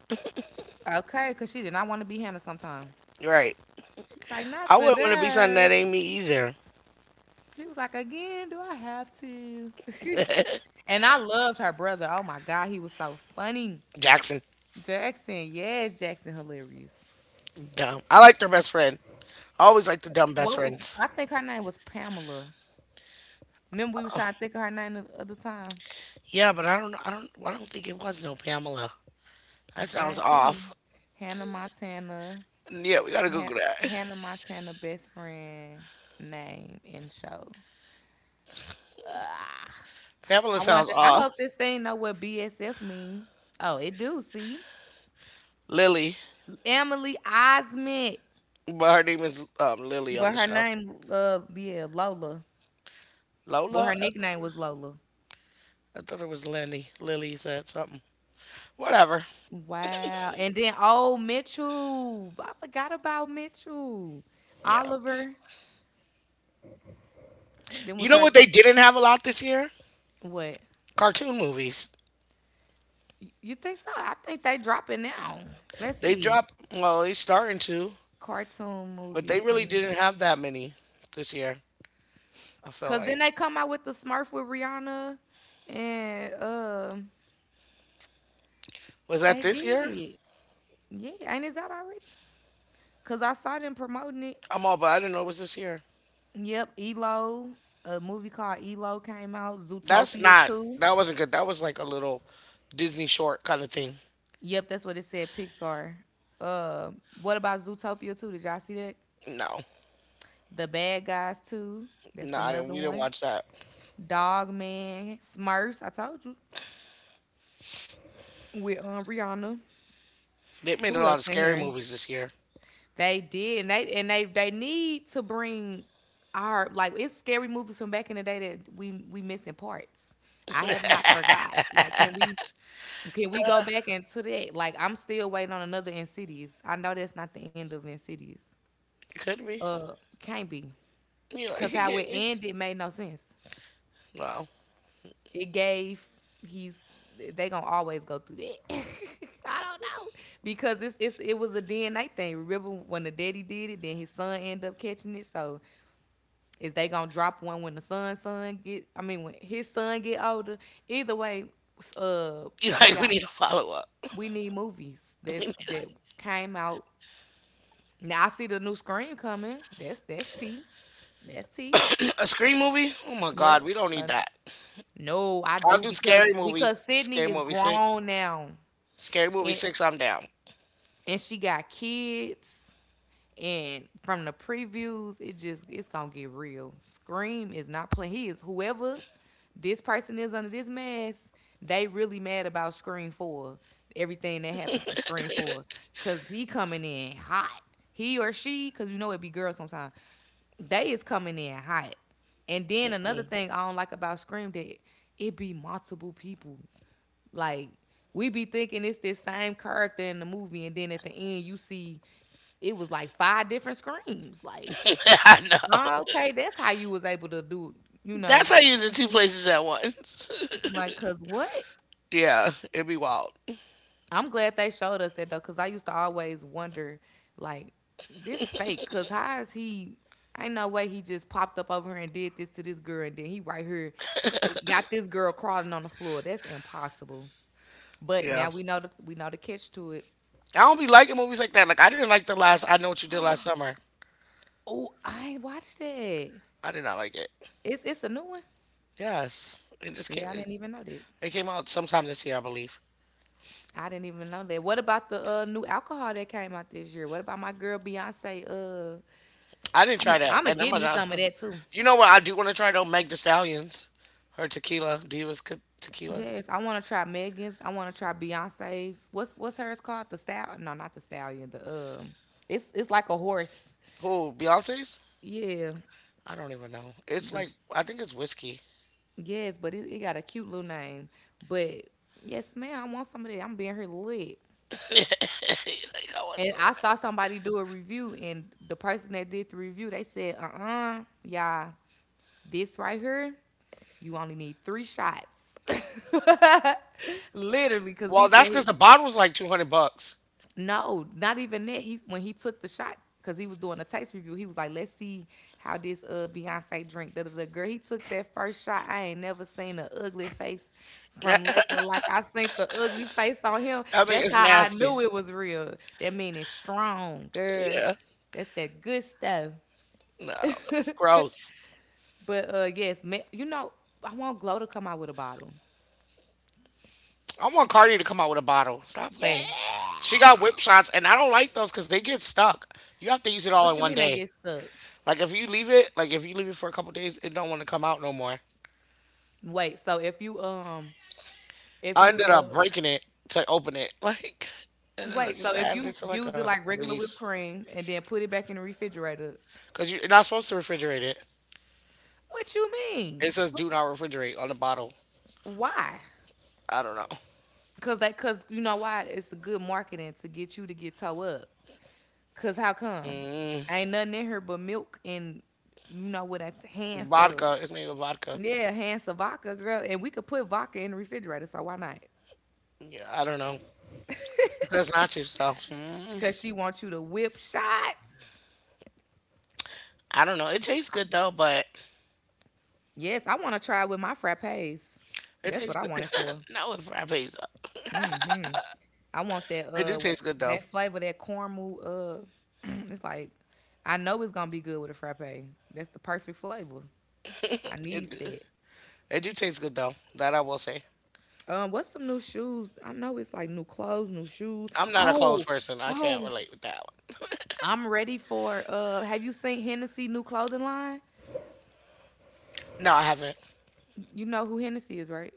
Okay, because she did not want to be Hannah sometime.
Right.
She was like, not
I wouldn't want to be something that
today.
ain't me either.
She was like, again, do I have to? And I loved her brother. Oh my God, he was so funny.
Jackson.
Jackson, yes, Jackson, hilarious.
Dumb. I liked her best friend. I always liked the dumb best
What
friends.
I think her name was Pamela. Remember we was trying to think of her name the other time.
Yeah, but I don't. I don't. I don't think it was no Pamela.
I
That sounds
guarantee you.
off.
Hannah Montana.
Yeah, we gotta
Han-
Google that.
Hannah Montana best friend name and show.
Pamela
I
sounds
wonder. I
off.
hope this thing know what BSF mean. Oh, it do. See,
Lily,
Emily Osment,
but her name is Lily on
but
the
her
show.
name, yeah, Lola. Well,
Lola?
her
I
nickname
th-
was Lola.
I thought it was Lenny. Lily said something. Whatever.
Wow. And then old Mitchell. I forgot about Mitchell.
Yeah.
Oliver. Then was
You know
her
what they
two.
didn't have a lot this year?
What?
Cartoon movies.
You think so? I think they dropping now. Let's
They
see.
dropped, well, they starting to,
Cartoon
but
movies
they really
20.
didn't have that many this year, I feel
Cause then
like.
they come out with the Smurf with Rihanna, and
Was that
they
this year?
did. Yeah, ain't it's out already? Cause I saw them promoting it.
I'm all, but I didn't know it was this year.
Yep, Elo, a movie called Elo came out.
That's
Zootopia
not,
two.
that wasn't good. That was like a little Disney short kind of thing.
Yep, that's what it said. Pixar. Uh, what about Zootopia two? Did y'all see that?
No.
The Bad Guys two. That's
No, I didn't.
another
We didn't
one.
watch that.
Dog Man, Smurfs. I told you with Rihanna.
They made a
Who
lot of
else in
scary
here?
movies this year.
They did, and they need to bring our like it's scary movies from back in the day that we missing parts. I have not forgot. Like, can we go back into that? Like, I'm still waiting on another Insidious. I know that's not the end of Insidious.
Could be.
Uh, can't be,
You like,
cause
you
how it
get me?
ended made no sense.
No.
It gave he's they gonna always go through that. I don't know because it was a DNA thing. Remember when the daddy did it, then his son ended up catching it. So is they gonna drop one when the son son get? I mean, when his son get older. Either way, uh,
You
we
like, we
got
need a follow up.
we need movies that came out. Now I see the new Scream coming. That's T. That's T.
A scream movie? Oh my God,
Yep.
we don't need
Uh,
that.
no, I
I'll
do
do
because
scary movie. Scary
Sydney is
movie six.
grown now,
Scary movie
and
six. I'm down.
she got kids. And from the previews, it just it's gonna get real. Scream is not playing. He is whoever this person is under this mask. They really mad about Scream 4. Everything that happened from Scream 4, cause he coming in hot. He or she, cause you know it be girls sometimes. They is coming in hot. And then another
Mm.
thing I don't like about Scream that it be multiple people like we be thinking it's this same character in the movie, and then at the end you see it was like five different screams. Like,
I
oh,
know.
okay, that's how you was able to do, you know,
That's how you use it two places at once.
like, cause what?
Yeah, it'd be wild.
I'm glad they showed us that though, cause I used to always wonder, like, this fake, cause how is he? Ain't no way he just popped up over here and did this to this girl, and then he right here got this girl crawling on the floor. That's impossible. But
Yeah,
now we know the catch to it.
I don't be liking movies like that. Like I didn't like the last. I know what you did last summer.
Oh, I ain't watched it.
I did not like it.
It's a new one.
Yes, it just
See,
came.
I
It,
didn't even know that.
it came out sometime this year, I believe.
I didn't even know that. What about the new alcohol that came out this year? What about my girl Beyonce?
I didn't
I'm
try that,
I'm gonna
and I'm
get me
a.
some of that too.
You know what? I do want to try though. Meg the Stallions, her tequila, Divas co- tequila.
Yes, I want to try Megan's. I want to try Beyonce's. What's hers called? The style? No, not the stallion. The It's like a horse.
Who? Beyonce's?
Yeah,
I don't even know. It's
the
like
sh-
I think it's whiskey.
yes, but it got a cute little name. But yes, ma'am, I want some of that. I'm being here lit.
Like I want
And
some of
I
that.
saw somebody do a review, and the person that did the review, they said, Y'all, this right here, you only need three shots." Literally, because
Well,
he
that's
said
because the bottle was like $200.
no, not even that. He When he took the shot because he was doing a taste review. He was like, "Let's see how this Beyonce drink." Da da da. Girl, he took that first shot. I ain't never seen an ugly face from
I
liquor like I seen the ugly face on him.
mean,
That's
it's
how I
nasty.
knew it was real. That mean it's strong, girl.
Yeah,
That's that good stuff.
no, it's gross.
But yes, I want Glow to come out with a bottle.
I want Cardi to come out with a bottle. Stop playing.
Yeah.
She got whip shots, and I don't like those because they get stuck. You have to use it all
What
in
you
one
mean they
day.
get stuck?
Like if you leave it, like if you leave it for a couple days, it don't want to come out no more.
Wait, so if you um if
I
you
ended up
uh
breaking it to open it, like, and then I
Wait, so
just
if
added
you
it to like
use it
a
like regular whipped
release
cream and then put it back in the refrigerator,
because you're not supposed to refrigerate it.
what you mean?
It says do not refrigerate on the bottle.
Why?
I don't know.
Cause cause you know why? It's a good marketing to get you to get toe up. Cause how come?
Mm,
Ain't nothing in here but milk and you know what? That's hands of,
vodka. It's made with vodka.
yeah, hands of vodka, girl. And we could put vodka in the refrigerator, so why not?
Yeah, I don't know. It says nacho so. Mm,
Cause she wants you to whip shots.
I don't know. It tastes good though, but
Yes, I want to try it with my frappes.
it
That's
tastes
what I
good.
want it for.
Not with frappes.
I want that
It do
what's
taste good though.
that flavor, that caramel it's like I know it's gonna be good with a frappe. That's the perfect flavor. I needs
It
that.
it do taste good though. That I will say.
What's some new shoes? I know it's like new clothes, new shoes.
I'm not a closed
Oh,
person. I can't
oh,
relate with that one.
I'm ready for have you seen Hennessy new clothing line?
No, I haven't.
You know who Hennessy is, right?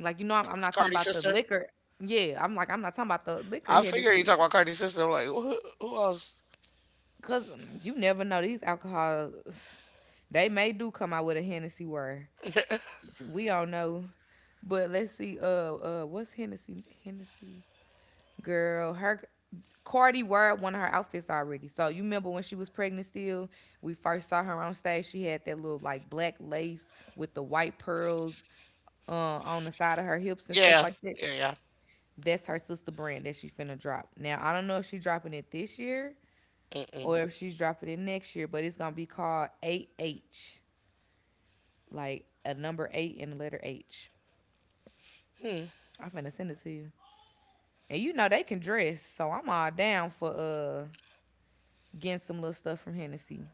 Like you know I'm
It's
not talking
Cardi's
about the
sister.
liquor. Yeah, I'm like I'm not talking about the liquor
I figure you
Hennessy.
talk about Cardi sister. I'm like, who else?
Cause you never know these alcohol they may do come out with a Hennessy word. We all know. But let's see. What's Hennessy? Hennessy girl. Her Cardi wore one of her outfits already. So you remember when she was pregnant? Still, we first saw her on stage. She had that little like black lace with the white pearls on the side of her hips and stuff
Yeah,
like that.
yeah, yeah.
That's her sister brand that she finna drop. Now I don't know if she's dropping it this year
Mm-mm.
or if she's dropping it next year, but it's gonna be called 8H, like a number eight and the letter H.
Hmm.
I'm finna send it to you. And you know they can dress, so I'm all down for getting some little stuff from Hennessy.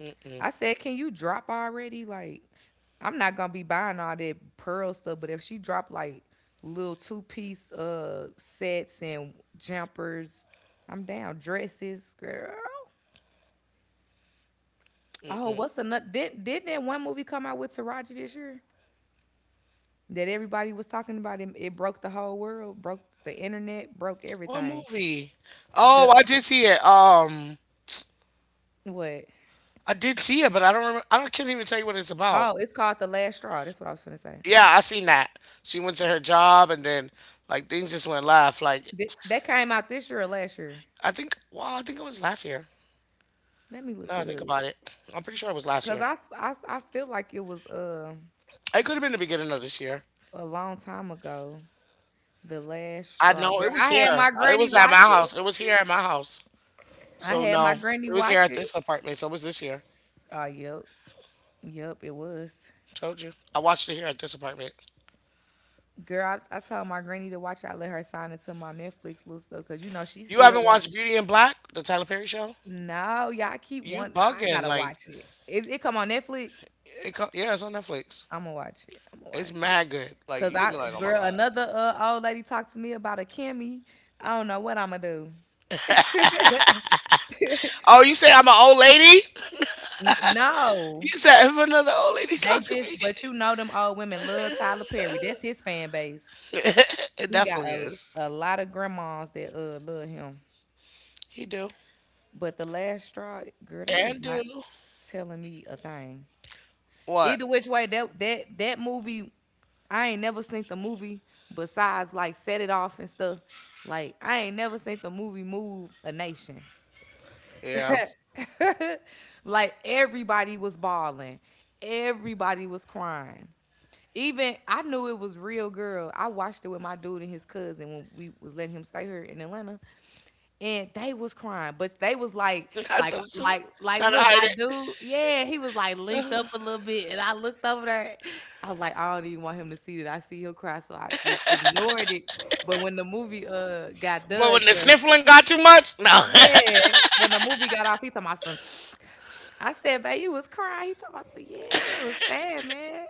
Mm-mm.
I said, can you drop already? Like, I'm not gonna be buying all that pearl stuff, but if she dropped like little two piece sets and jumpers, I'm down. Dresses, girl. Oh,
Mm-mm.
what's another? Did not that one movie come out with Taraji this year that everybody was talking about? It broke the whole world, broke the internet, broke
What
everything.
movie?
The
Oh, I did see it.
what?
I did see it, but I don't remember. I don't, can't even tell you what it's about.
Oh, it's called The Last Straw. That's what I was gonna say.
Yeah, I seen that. She went to her job, and then like things just went left. Like
That came out this year or last year.
I think, well, I think it was last year.
Let me look
Now I
it
think
up.
about it, I'm pretty sure it was last
Cause
year.
I feel like it was
It could have been the beginning of this year.
a long time ago. The Last
I
Straw.
know
Girl,
it was
I had
here.
my
It
granny
was at my
watch it.
house. It was here at my house.
I
So
had my
no,
granny
it was here
watch
at this
it.
apartment. So it was this year.
Oh, yep. Yep, it was.
Told you. I watched it here at this apartment.
Girl, I told my granny to watch it. I let her sign into my Netflix little stuff because she
You
still
haven't
watch.
watched Beauty and Black, the Tyler Perry show?
No, y'all keep
You
one. I
bugging?
gotta
Like,
watch it. It come on Netflix.
it co- yeah, it's on Netflix.
I'm gonna watch it. I'm gonna
It's
watch it.
mad good. Like,
Cause
you gonna be like, oh my
girl,
god.
another old lady talked to me about a Kimmy. I don't know what I'm gonna do.
Oh, you said I'm an old lady?
No,
You said if another old lady talk to me,
but you know them old women love Tyler Perry. That's his fan base.
it
He got
definitely
a,
is.
a lot of grandmas that love him.
He do
But the last straw, girl, they is
and
not
do
telling me a thing.
what?
Either which way, that movie, I ain't never seen the movie besides like Set It Off and stuff. Like I ain't never seen the movie Move a Nation.
Yeah,
Like everybody was bawling, everybody was crying. Even I knew it was real, girl. I watched it with my dude and his cousin when we was letting him stay here in Atlanta. And they was crying, but they was like,
not them trying to
look, my
hide
dude, yeah, he was like linked up
it.
a little bit, and I looked over there. I was like, I don't even want him to see that. I see he'll cry, so I just ignored it. But when the movie got
But
done,
when the
girl,
sniffling got too much,
yeah, when the movie got off, he talking about some. I said, babe, you was crying. He talking about, I said, yeah, that was sad, man.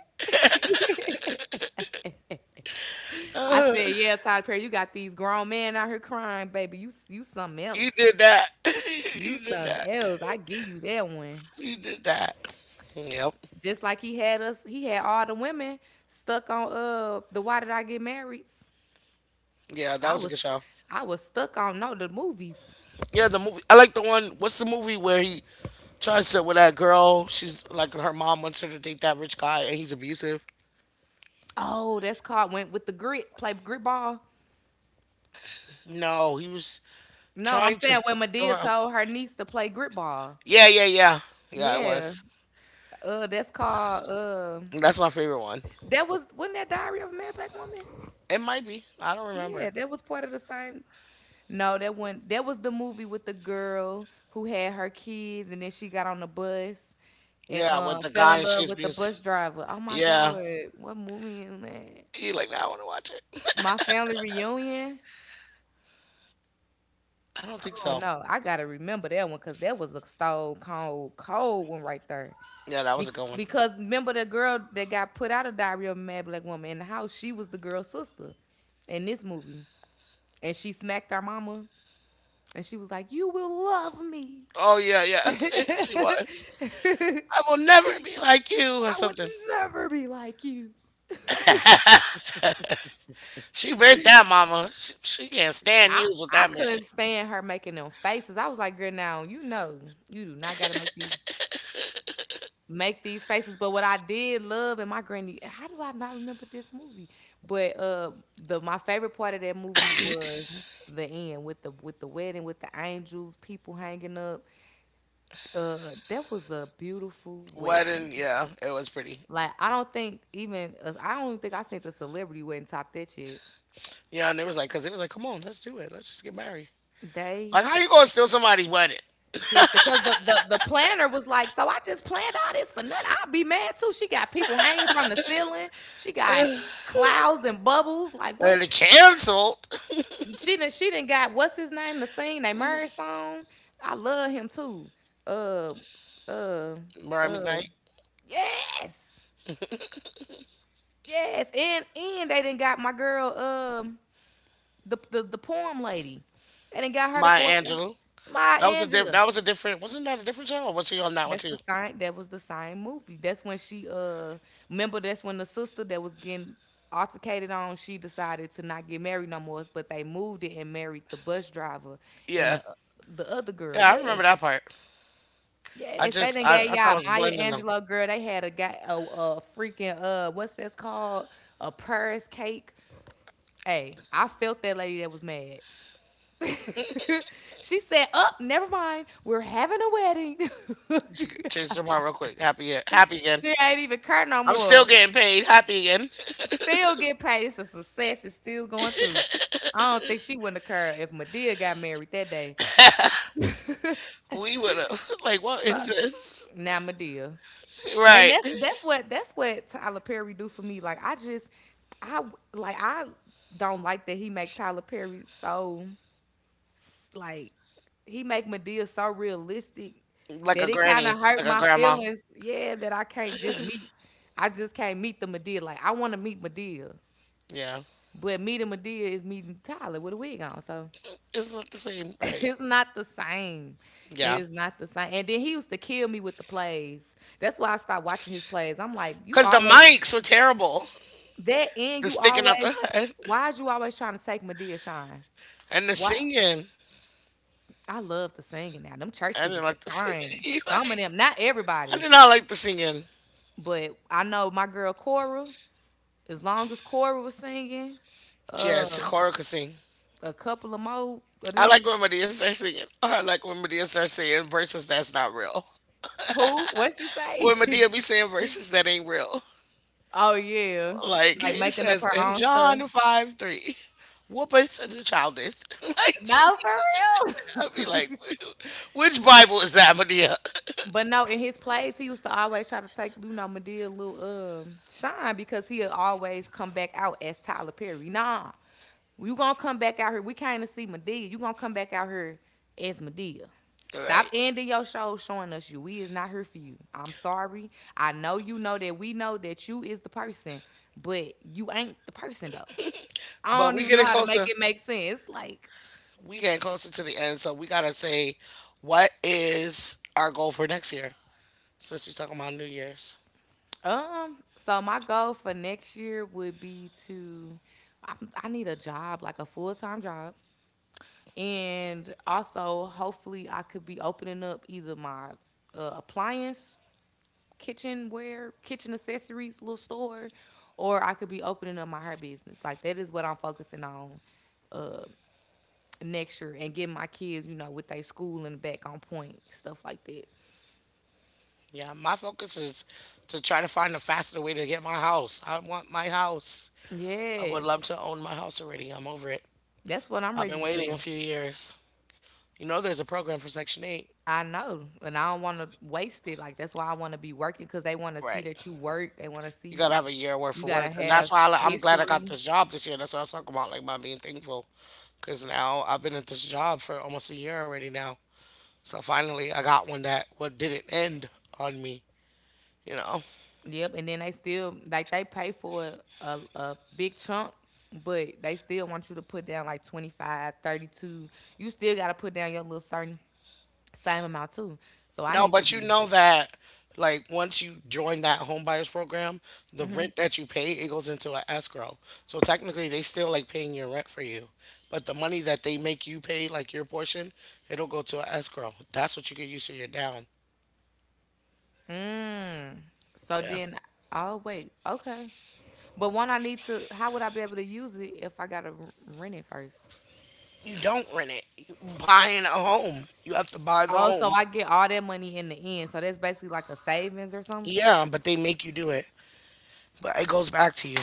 I
no.
said, yeah, Tyler Perry, you got these grown men out here crying, baby. You something
You
else.
did that.
You
You did
something
that.
else. I give you that one.
You did that. Yep.
Just like he had us, he had all the women stuck on the Why Did I Get Married?
Yeah,
I
that was a good
was
show.
I was stuck on, no, the movies.
Yeah, the movie. I like the one. What's the movie where he tries to with that girl? She's like her mom wants her to date that rich guy, and he's abusive.
Oh, that's called went with the grit, play grit ball.
No, he was
No, I'm
trying to.
saying when
Throw her
Medea
out.
told her niece to play grit ball.
Yeah, yeah, yeah, yeah. It
Yeah.
was.
That's called
That's my favorite one.
that was wasn't that Diary of a Mad Black Woman?
It might be. I don't
Yeah,
remember.
that was part of the same. No, that one that was the movie with the girl who had her kids and then she got on the bus and
Yeah, with the
fell
guy
in
and
love
she's
with
being.
the
S-
bus driver. Oh my God,
Yeah,
what movie is that?
you like? Nah, I want to watch it.
My family reunion.
I don't think
Oh
so.
no, I gotta remember that one because that was a stone cold cold one right there.
Yeah, that was a
Be-
good one.
because remember the girl that got put out of Diary of a Mad Black Woman in the house, she was the girl's sister in this movie, and she smacked our mama, and she was like, "You will love me."
Oh yeah, yeah. She was.
I
I will never be like you or
would
something.
never be like you.
She read that, mama. She can't stand
I
you is what
I
that
couldn't
meant.
stand her making them faces. I was like, girl, now you know you do not gotta make these faces. But what I did love and my granny, how do I not remember this movie? But the my favorite part of that movie was the end with the wedding with the angels, people hanging up. That was a beautiful wedding.
Wedding, yeah, it was pretty.
Like I don't even think I seen the celebrity wedding top that shit.
Yeah, and it was like, cause it was like, come on, let's do it. Let's just get married.
They
Like, how you gonna steal somebody's wedding?
killed it because the planner was like, so I just planned all this for nothing. I'll be mad too. She got people hanging from the ceiling. She got
And
clouds and bubbles. Like what?
it canceled.
She didn't. She didn't got what's his name to sing their marriage song. I love him too. Uh, uh,
Brian
uh.
McKnight,
Yes, yes. And they didn't got my girl. The poem lady. They didn't got her to
my
go up there.
Angelou.
My Angela.
That was a different. Wasn't that a different show? Or was he on that one
That's the
too?
sign. That was the sign movie. That's when she remember. That's when the sister that was getting altercated on. She decided to not get married no more. But they moved it and married the bus driver and
Yeah,
the other girl.
yeah, I
Yes,
remember that part. I
yes. They
just
done
I, I
gave
thought I
y'all
was
Maya
blending them.
Angelou girl. They had a guy a freaking what's that's called a purse cake. Hey, I felt that lady that was mad. She said, "Up, never mind. We're having a wedding."
Change the mind real quick. Happy happy again.
She ain't even curt no
I'm still
more.
getting paid. Happy again.
Still get paid. It's a success. It's still going through. I don't think she wouldn't have cared if Medea got married that day.
We would have like, what
So
is this?
now Medea, and
Right.
that's what Tyler Perry do for me. Like I I don't like that he make Tyler Perry so like he make Medea so realistic
Like
that
a
it kind of
granny,
hurt
like a
my
grandma.
feelings. Yeah, that I can't just meet. I just can't meet the Medea. Like I want to meet Medea,
Yeah.
but meeting Medea is meeting Tyler with a wig on. So.
It's not the same, right?
It's not the same. It
Yeah.
is not the same. And then he used to kill me with the plays. That's why I stopped watching his plays. I'm like, you
Cause the
always
mics were terrible.
that and
The
you
sticking out the
always
head
why is you always trying to take Medea shine?
and the
Why
singing.
I love the singing now. Them church
I
people
didn't
can
like the
sing.
singing.
Some of
Like,
them, not
I
everybody,
did not like the singing.
but I know my girl Cora. As long as Cora was singing,
Yeah,
uh,
Sakura could sing.
a couple of more of
I like
them.
when Medea starts singing. I like when Medea starts saying verses that's not real.
Who? What she
When
say?
Medea be saying verses that ain't real.
Oh yeah,
Like
like
it
making up
says
her
in
own stuff.
John 5 3, whoopeth the childeth. like,
No,
I
for
would be like,
real.
which Bible is that, Medea?
But no, in his plays, he used to always try to take Medea little shine because he'll always come back out as Tyler Perry. Nah, you gonna come back out here. We came to see Medea. You gonna come back out here as Medea.
All
Stop
right.
ending your show showing us you. We is not here for you. I'm sorry. I know you know that we know that you is the person, but you ain't the person though. I
But
don't
we
even know
getting
how to make
closer.
it make sense. Like
We getting closer to the end, so we gotta say, what is our goal for next year? Since we talking about New Year's.
So my goal for next year would be to I, I need a job, like a full-time job. And also hopefully I could be opening up either my appliance kitchenware, kitchen accessories little store or I could be opening up my hair business. Like that is what I'm focusing on next year and getting my kids, you know, with their school and back on point, stuff like that.
Yeah, my focus is to try to find a faster way to get my house. I want my house. I would love
Yes.
to own my house already. I'm over it.
That's what I'm
I've
ready
been
to do.
waiting a few years. You know, there's a program for Section 8.
I know, and I don't want to waste it. Like that's why I want to be working because they want to see
Right.
that you work. They want to
You gotta
see
have a year worth
you
of
gotta
work, and
have
that's why I'm glad I got
history.
this job this year. That's what I was talking about, like my being thankful. Because now I've been at this job for almost a year already now. So finally I got one that what didn't end on me, you know.
Yep, and then they still like they pay for a big chunk, but they still want you to put down like 25, 32. You still gotta put down your little certain same amount too. So I
No,
need to
but you
be.
know that like once you join that home buyers program, the rent that you pay, it goes into an escrow. So technically they still like paying your rent for you. But the money that they make you pay, like your portion, it'll go to an escrow. That's what you could use for your down.
So
Yeah.
then, oh wait, okay. But one I need to. How would I be able to use it if I gotta rent it first?
You don't rent it. You buying a home. You have to buy the
Oh, so
home.
I get all that money in the end. So that's basically like a savings or something.
Yeah, but they make you do it, but it goes back to you.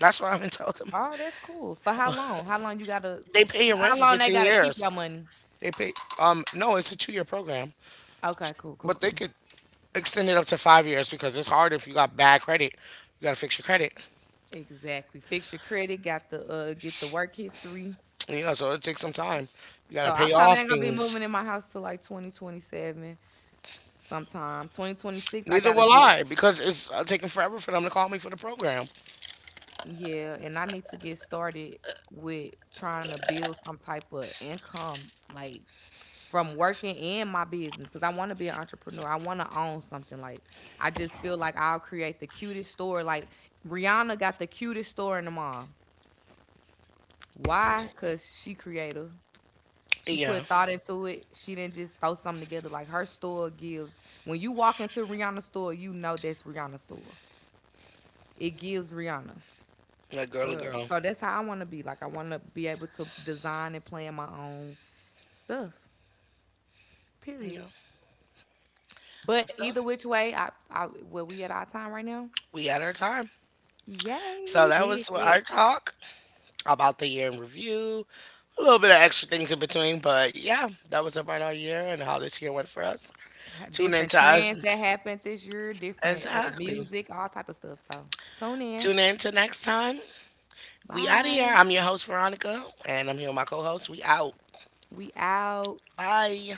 That's what I've been telling them.
Oh, that's cool. For how long? How long you gotta?
They pay your rent
How
for
long they
15
gotta keep
years.
your money?
They pay, no, it's a two-year program,
Okay, cool, cool,
but they
cool.
could extend it up to five years because it's hard if you got bad credit. You got to fix your credit.
Exactly. Fix your credit. Got the get the work history.
You know, so it takes some time. You got
So
to
I
pay
probably
off
ain't gonna be
things.
moving in my house till like 2027 sometime. 2026. I
Neither
gotta
will
get
I because it's taking forever for them to call me for the program.
yeah, and I need to get started with trying to build some type of income, like from working in my business, because I want to be an entrepreneur. I want to own something. Like, I just feel like I'll create the cutest store. Like, Rihanna got the cutest store in the mall. Why? Because she creative. She put
Yeah,
thought into it. She didn't just throw something together. Like her store gives. When you walk into Rihanna's store, you know that's Rihanna's store. It gives Rihanna.
like girly
Uh,
girl.
so that's how I want to be. Like I want to be able to design and plan my own stuff. Period.
Yeah, I
But
feel
either which way, I where we at our time right now?
we had our time.
Yay,
So
we
that
did
was our
that.
talk about the year in review, a little bit of extra things in between. But yeah, that was about our year and how this year went for us. Tune in
Different
to us.
trends that happened this year, different
Exactly.
music, all type of stuff. So tune in.
Tune in to next time. We out of here.
Bye.
I'm your host, Veronica, and I'm here with my co host. We out.
We out.
Bye.